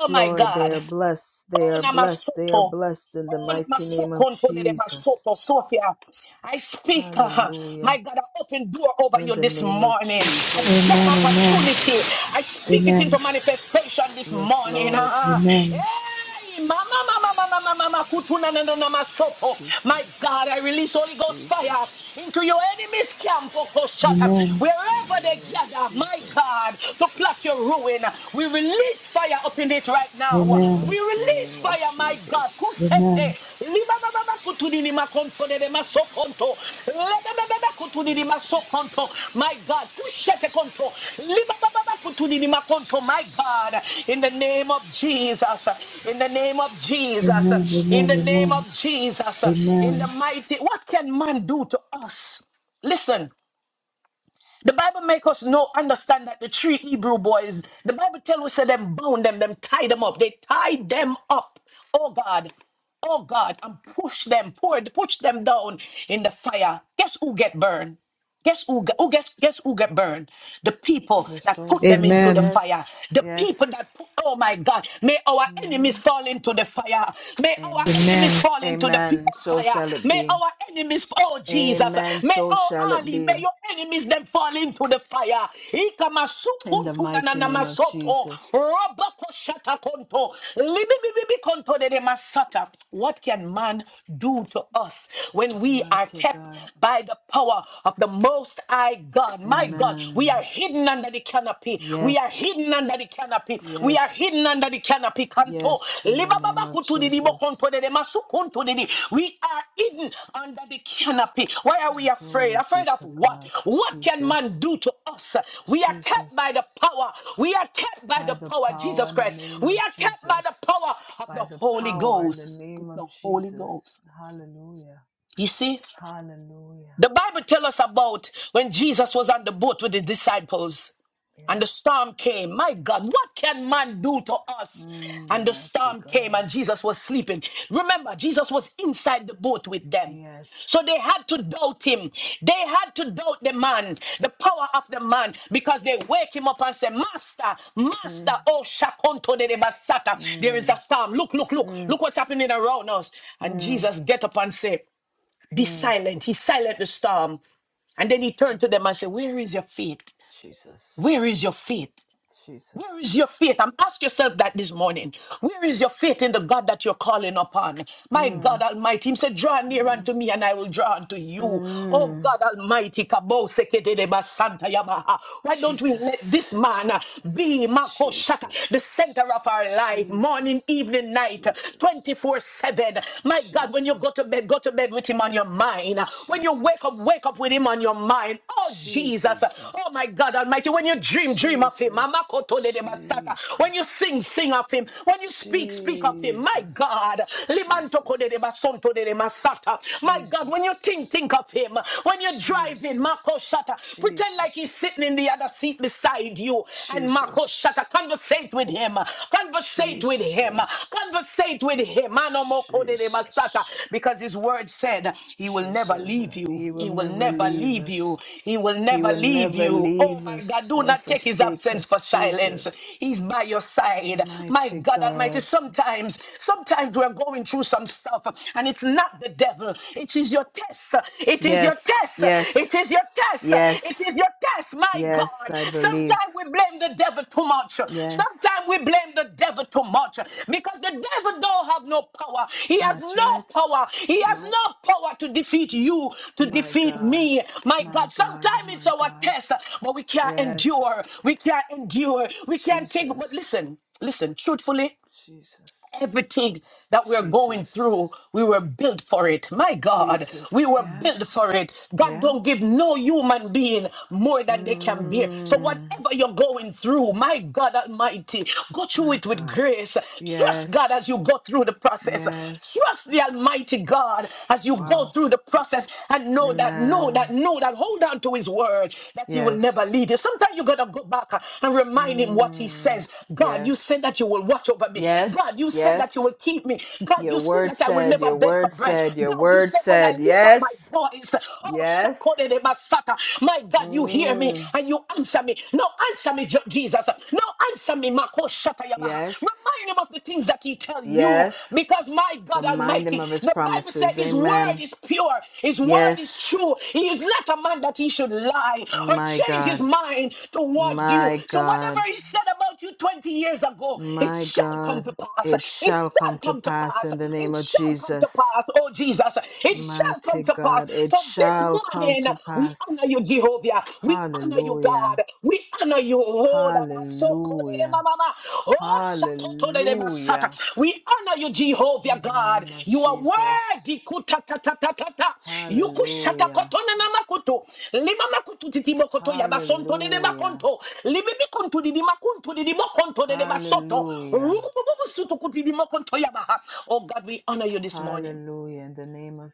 Oh my Lord. They God. are blessed. They Oh are blessed. They are Namasoto. blessed in the Oh, mighty name of Namasokontodede Jesus. Masoto, Sophia, I speak, uh, my Hallelujah. God, an open door over In you the this name of morning, a job Jesus. opportunity. I speak it into manifestation this Yes, morning. Lord. uh-huh. Hey, mama, mama, mama, mama, mama, kutuna, na, na, na, masoto. My God, I Jesus. release Holy Ghost fire Jesus. into your enemies' camp, Oko Shata. Mighty wherever they name of gather, my Jesus. God, to plot your ruin, we release fire up in it right now. In the We mighty release name of fire, my God. Jesus. Kusete. Libababa kutudini makonto debe masokonto. Lebebebebe kutudini masokonto. Jesus. My God. Kushete konto. Libababa kutudini makonto. My Jesus. God. In the name of Jesus. In the name of Jesus. In the name of Jesus. In the mighty. What can man do to us? Listen. The Bible make us know understand that the three Hebrew boys, the Bible tell us that them bound them, them tie them up. They tied them up. Oh God. Oh God. And push them, pour, push them down in the fire. Guess who get burned? Guess who, get- who guess guess who get burned? The people The that put them soldiers, into the Amen. fire. yes, The people yes. that put oh my God, may our hmm enemies fall into the fire. May our our Amen. enemies Amen. fall into the pit Amen. of So fire. shall it May be. our enemies, oh Jesus, Amen. may So oh shall it Ali, be. may your enemies them fall into the fire. In the mighty name of Ikamasukuntunananamasoto, Jesus. robakosatakonto, libibibibikontodedemasata. What can man do to us when we are Mighty kept God. by the power of the Most High God? My God, we Amen. are hidden under the canopy. We are Yes. hidden under the canopy. We are Yes. hidden under the canopy. Kanto. Yes, in the name Libababa of kutu didi bo konto dede Jesus. masu kunto We are hidden under the canopy. Why are we afraid? Glory be Afraid of to what? God. What can man Jesus, do to us? We are kept by the Jesus. power. We are kept by By the the power of power Jesus in the Christ. name We of are kept by the Jesus. power of By the the Holy power in the Ghost. Of name of the Holy Jesus. Ghost. Hallelujah. You see, Hallelujah. the Bible tells us about when Jesus was on the boat with the disciples. And the Yes. storm came. My God, what can man do to us? Mm, And the mighty storm came, God. and Jesus was sleeping. Remember, Jesus was inside the boat with them. So Yes. they had to doubt him. They had to doubt the man, the power of the man, because they wake him up and say, Master, Master, Mm, oh Shakonto de de Basata, there is mm, a storm. Look, look, look, mm, look what's happening around us. And mm, Jesus get up and say, Be mm. silent. He silent the storm. And then he turned to them and said, Where is your faith? Jesus. Where is your faith? Where Jesus. is your faith? I'm ask yourself that this morning. Where is your faith in the God that you're calling upon? My God Mm, Almighty, He said, "Draw near mm, unto me, and I will draw unto you." Oh mm. God Almighty, Kabo Sekedeba Santa Yamaha. Why don't we let Jesus, this man be Jesus, Mako Shata, the Jesus, center of our life, morning, Jesus, evening, night, twenty four seven? My God, when you go to Jesus, bed, go to bed with Him on your mind mind. When you wake up, wake up with Jesus, him on your mind. Oh, Jesus. Oh, my Jesus, God Almighty. When you Jesus, Jesus, dream, dream of him. When Jesus, you sing, sing of him. When you speak, speak of him. My Jesus, God. Jesus, Limantoko de de basonto My God. When you think, think of him. When you're driving, Mako Jesus, Pretend like he's sitting in the other seat beside you. Jesus, Jesus, And Jesus, Mako conversate with him him. Conversate with him. Jesus, Conversate with him. Anomokoderebasata. Jesus. Because his word said, He will never Jesus, leave you. He will He will never never leave leave you. us. He will He never will leave never you. Oh leave my God, us do or not take his forsake absence us, for silence. Jesus. He's by your side. My Mighty God Almighty, God. sometimes, sometimes we're going through some stuff and it's not the devil. It is your test. It is your test Yes, test. It yes, is your test. It is yes, your test, my yes, God. I believe. Sometimes we blame the devil too much. Yes. Sometimes we blame the devil too much because the devil don't have no power. He has That's no right. power. He has No, no power to defeat you, to my defeat God, me. My my God, God, sometimes it's my our God. test, but we can't Yes, endure. We can't endure. We can't take. But Jesus, listen, listen, truthfully, Jesus, everything that we're going Jesus, through, we were built for it. My God, we Jesus. were Yeah, built for it. God yeah. don't give no human being more than they can bear. So Mm, whatever you're going through, my God Almighty, go through my it with God. grace. Trust God Yes. as you go through the process. Yes. Trust the Almighty God as you go Wow. through the process and know that, know that, Amen. know that. Hold on to His word that he will never Yes. leave you. Sometimes you gotta go back uh, and remind him what he Mm. says. God, you said Yes. that you will watch over me. Yes. God, you said that you will Yes. keep me. God, Your you said word that I will said, never your beg for word bread. said, your God, you word said when I said, lift up my yes. voice, oh Yes. shakodede basata, my God, you hear me Mm. and you answer me. No, answer me, Je- Jesus. No, answer me, Mako Shata Yamaha. Yes. Remind him of the things that he tell you, Yes. because my God Remind Almighty. him of his The Bible says promises. his word Amen. is pure, his word is Yes. true. He is not a man that he should lie or My change his God. mind towards you. My So whatever God. he said about you 20 years ago, it My shall come God. to pass. It It shall come shall to come to pass pass. in the It name of shall come to Jesus. pass. Oh Jesus, it shall come Mighty to God, pass. it So this shall come morning to we honor pass. you, Jehovah. We honor you, God. Hallelujah. We honor you, oh, that are so called, eh, ma, Hallelujah. ma, ma. Oh, shakoto, eh, ma, sata. Hallelujah. we honor you, Jehovah In the God. name of You are worthy. Jesus. Kuta, ta, ta, ta, ta, ta. You could shut na Hallelujah. cotona namakuto. Lima makutu titi bokoto ya basonto de Hallelujah. debaconto. Libibiconto di dimakunto di dimaconto de debasoto. Hallelujah. Rubububusutu kuti dimokonto yabaha. Oh God, we honor you this morning. Hallelujah. In the name of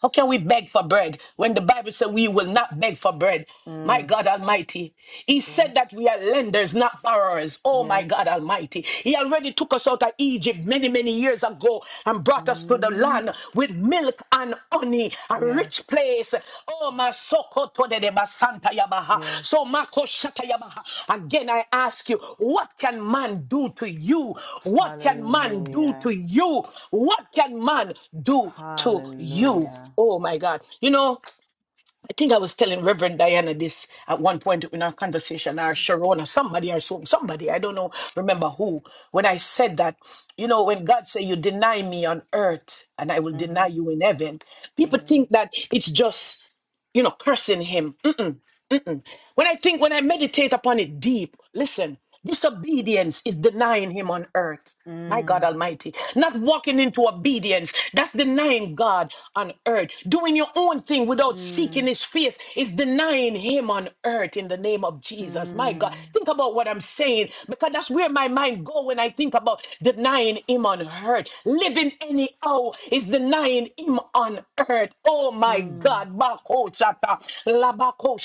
How can we beg for bread when the Bible says we will not beg for bread? My Mm. God Almighty. He said that we Yes. are lenders, not borrowers. Oh, my God Yes. Almighty. He already took us out of Egypt many, many years ago and brought us to the Mm. land with milk and honey, a rich Yes. place. Oh, my soko to de de basanta yabaha. So, mako shata yabaha. Yes. Again, I ask you, what can man do to you? What can man do Hallelujah. to you? What can man do to you? Hallelujah. Oh my God. You know, I think I was telling Reverend Diana this at one point in our conversation, or Sharon, or somebody, or some, somebody, I don't know, remember who, when I said that, you know, when God said, You deny me on earth, and I will deny Mm-hmm. you in heaven, people think Mm. that it's just, you know, cursing Him. When I think, when I meditate upon it deep, listen, disobedience is denying him on earth. My God Mm. Almighty, not walking into obedience. That's denying God on earth. Doing your own thing without seeking Mm. his face is denying him on earth in the name of Jesus. My God, Mm. think about what I'm saying because that's where my mind go when I think about denying him on earth. Living anyhow is denying him on earth. Oh my Mm. God. Bako shata. labako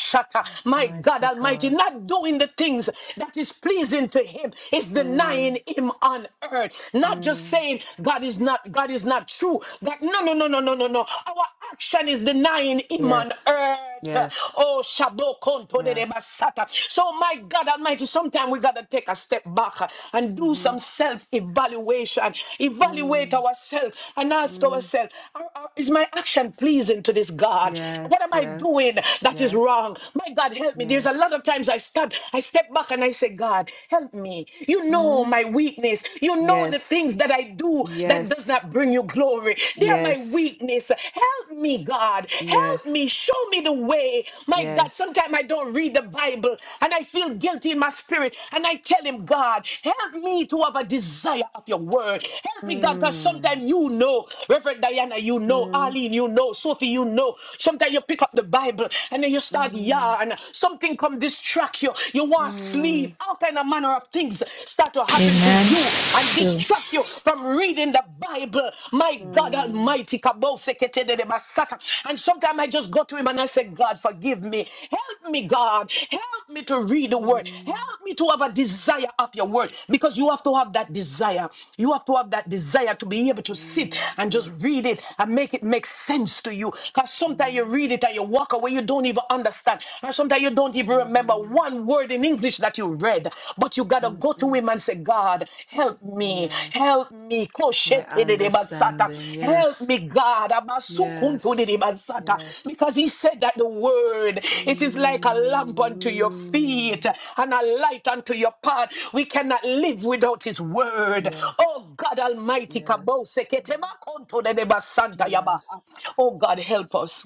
my God Mighty Almighty, God. not doing the things that is pleasing to him is Mm. denying him on earth. Not just Mm. saying God is not God is not true. That no no no no no no no. Our action is denying him on Yes. earth. Yes. Oh, Shabo Konto de de Yes. Basata. So, my God Almighty, sometimes we got to take a step back uh, and do Mm-hmm. some self evaluation. Evaluate Mm. ourselves and ask Mm. ourselves are- are- Is my action pleasing to this God? What Yes. am I doing Yes. that is is Yes. wrong. My God, help me. There's a lot of Yes. times I stop, I step back and I say, God, help me. You know Mm. my weakness. You know the Yes. things that I do that does Yes. not bring you glory. They are my Yes. weakness. Help me, God. Help me. Yes. Show me the way. My God, Yes. sometimes I don't read the Bible and I feel guilty in my spirit and I tell him, God, help me to have a desire of your word. Help me, God, because Mm. sometimes you know, Reverend Diana, you know, Mm. Arlene, you know, Sophie, you know. Sometimes you pick up the Bible. Bible and then you start Mm. yarn. Something come distract you. You want to Mm. sleep. All kind of manner of things start to happen to Amen. you and true. distract you from reading the Bible. My God Mm. Almighty, Kaboseketedemasata. and sometimes I just go to him and I say, God, forgive me. Help me, God. Help me to read the word. Mm, Help me to have a desire of your word because you have to have that desire. You have to have that desire to be able to sit mm, and just yeah. read it and make it make sense to you. Because sometimes you Mm, read it it and you walk away, you don't even understand. And sometimes you don't even remember mm-hmm, one word in English that you read, but you gotta go to mm-mm. him and say, God, help me, Yes. help me, My Koshetedebasata. understanding. help me, Yes. God, Yes. Abasukuntudebasata. because Yes. he said that the word, it is like a lamp unto your Mm, feet and a light unto your path. We cannot live without his word. Oh yes. God Almighty, Yes. Kaboseketemakontodebasanta yabaha. Yes. oh God, help us.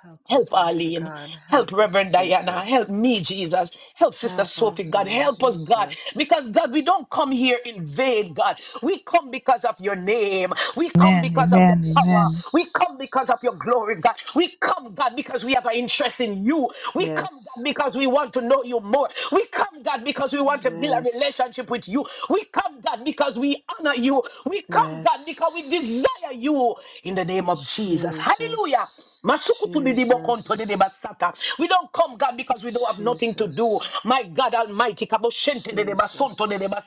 Help us, Help mighty Arlene. God. Help Help us, Reverend Diana. Help Jesus. me, Jesus. Help Sister Help Sophie, us, God. Lord Help us, God. Jesus. Because, God, we don't come here in vain, God. We come because of your name. We come Amen. because of Amen. your power. Amen. We Yes. come because of your glory, God. We come, God, because we have an interest in you. We come, God, Yes. because we want to know you more. We come, God, because we want to build a Yes. relationship with you. We come, God, because we honor you. We come, God, because we desire Yes. you in the name of Jesus. Hallelujah. Jesus, Masukutu didibo konto didiba Jesus, We don't come, God, because we don't have nothing to do. Jesus, My God Almighty, kaboshente didiba sonto Jesus.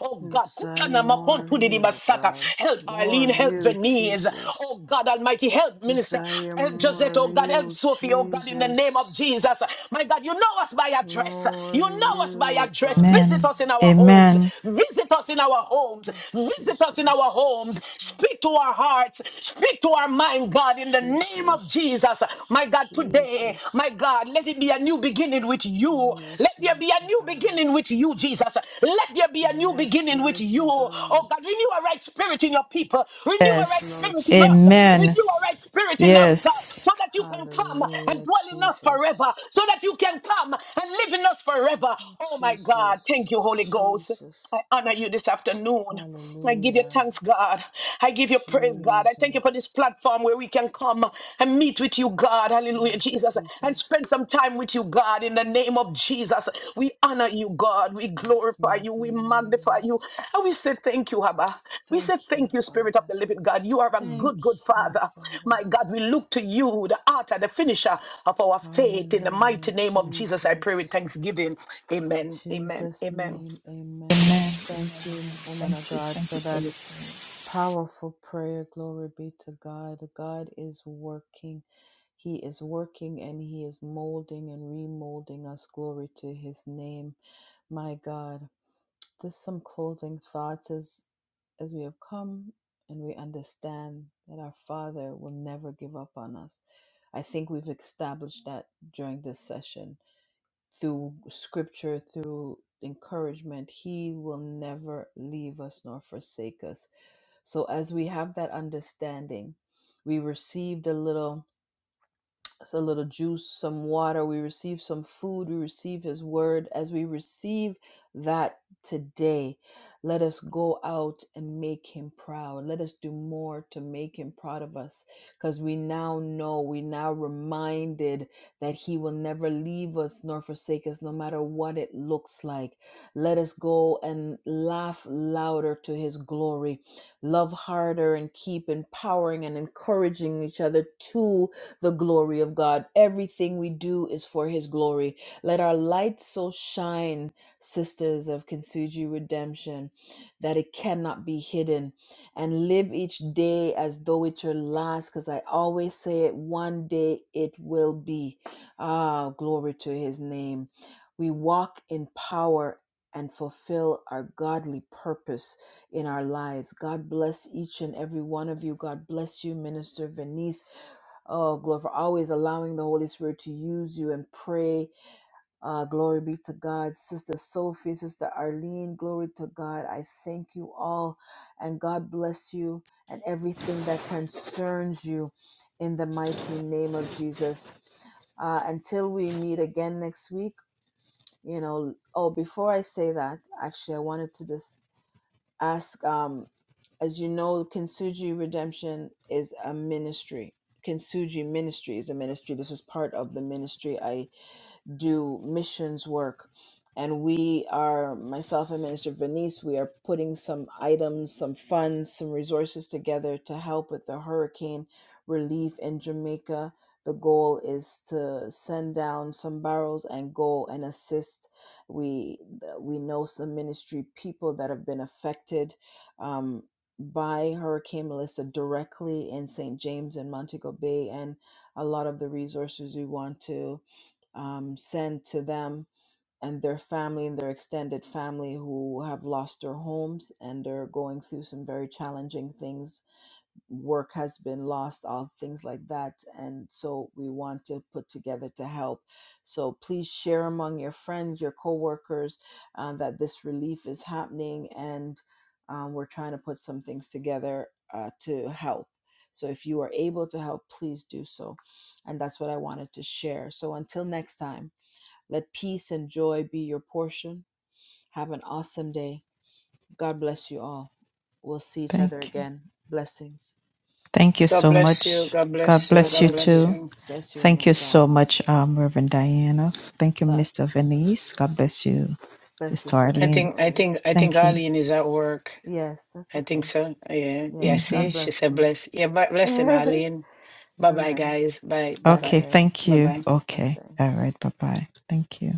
Oh God, Desire kutana more of makontu didiba you, sata. God. Help More Arlene, of help you, Venice. Jesus. Oh God Almighty, help Minister, Desire help more Josette. of Oh God, help you, Sophie. Oh God, in the name of Jesus. Jesus. My God, you know us by address. More You of know us by you, address. God. Visit us in our Amen. homes. Visit us in our homes. Visit us in our homes. Jesus, Speak to our heart hearts. Speak to our mind, God, in the name of Jesus. Jesus, My God, today, Jesus. my God, let it be a new beginning with you. Let Yes, there be a mighty new God. beginning with you, Jesus. Let there be a new Yes, beginning with you. mighty Oh God. God, renew a right spirit in your people. Renew Yes. a Yes, right Lord spirit in us. Amen. Renew a Jesus. right spirit in Yes. us, God, so that you can come and Hallelujah, dwell in us forever. Jesus. So that you can come and live in us forever. Oh my God, thank you, Holy Jesus, Ghost. I Jesus. honor you this afternoon. I give you Hallelujah, thanks, God. I give you praise, God. I thank you for Jesus. this platform where we can come and meet with you, God. Hallelujah, Yes, Jesus. And Jesus. spend some time with you, God. In the name of Jesus, we honor you, God. We It's glorify you. mighty We magnify name. you. And we say thank you, Abba. We Thank say you, thank you, Spirit of Father. the living God. You are a Thank good, good you, Father. Father. My God, we look to you, the author, the finisher of our faith. In the Hallelujah, mighty name of Jesus, I pray with Jesus. thanksgiving. In Amen. Amen. Jesus' Amen. name, amen. I thank you, woman of God, for that Powerful prayer. Glory be to God. God is working. He is working and He is molding and remolding us. Glory to His name. My God. Just some clothing thoughts as as we have come and we understand that our Father will never give up on us. I think we've established that during this session through scripture, through encouragement. He will never leave us nor forsake us so as we have that understanding, we received a little it's a little juice, some water. We receive some food. We receive His word. As we receive that today, let us go out and make Him proud. Let us do more to make Him proud of us because we now know, we now reminded that He will never leave us nor forsake us, no matter what it looks like. Let us go and laugh louder to His glory, love harder, and keep empowering and encouraging each other to the glory of God. Everything we do is for His glory. Let our light so shine, sisters of Kintsugi Redemption, that it cannot be hidden. And live each day as though it's your last, because I always say it one day it will be. Ah, glory to His name. We walk in power and fulfill our godly purpose in our lives. God bless each and every one of you. God bless you, Minister Venice. Oh, glory for always allowing the Holy Spirit to use you and pray. Uh, glory be to God. Sister Sophie, Sister Arlene, glory to God. I thank you all. And God bless you and everything that concerns you in the mighty name of Jesus. Uh, until we meet again next week, you know, oh, before I say that, actually, I wanted to just ask. Um, as you know, Kintsugi Redemption is a ministry. Kintsugi Ministry is a ministry. This is part of the ministry. I do missions work. And we are, myself and Minister Venice, we are putting some items, some funds, some resources together to help with the hurricane relief in Jamaica. The goal is to send down some barrels and go and assist. We we know some ministry people that have been affected um, by Hurricane Melissa directly in St. James and Montego Bay, and a lot of the resources we want to um, send to them and their family and their extended family who have lost their homes and are going through some very challenging things. Work has been lost, all things like that. And so we want to put together to help. So please share among your friends, your coworkers, uh, that this relief is happening and um, we're trying to put some things together uh, to help. So if you are able to help, please do so. And that's what I wanted to share. So until next time. Let peace and joy be your portion. Have an awesome day. God bless you all. We'll see each other again. Blessings. God bless you. God bless you. God God bless bless you. you. Bless you, woman of God. God bless you, I Sister think I Sylvie. think I think Arlene is at work. Yes, that's I think okay. so. Yeah. Yeah, Yes, see, God she bless said you. bless. Yeah, but blessing Arlene. Bye all bye right. guys. Bye. Bye bye. Blessing. Bye bye. Blessing. All right. Bye bye. Thank you.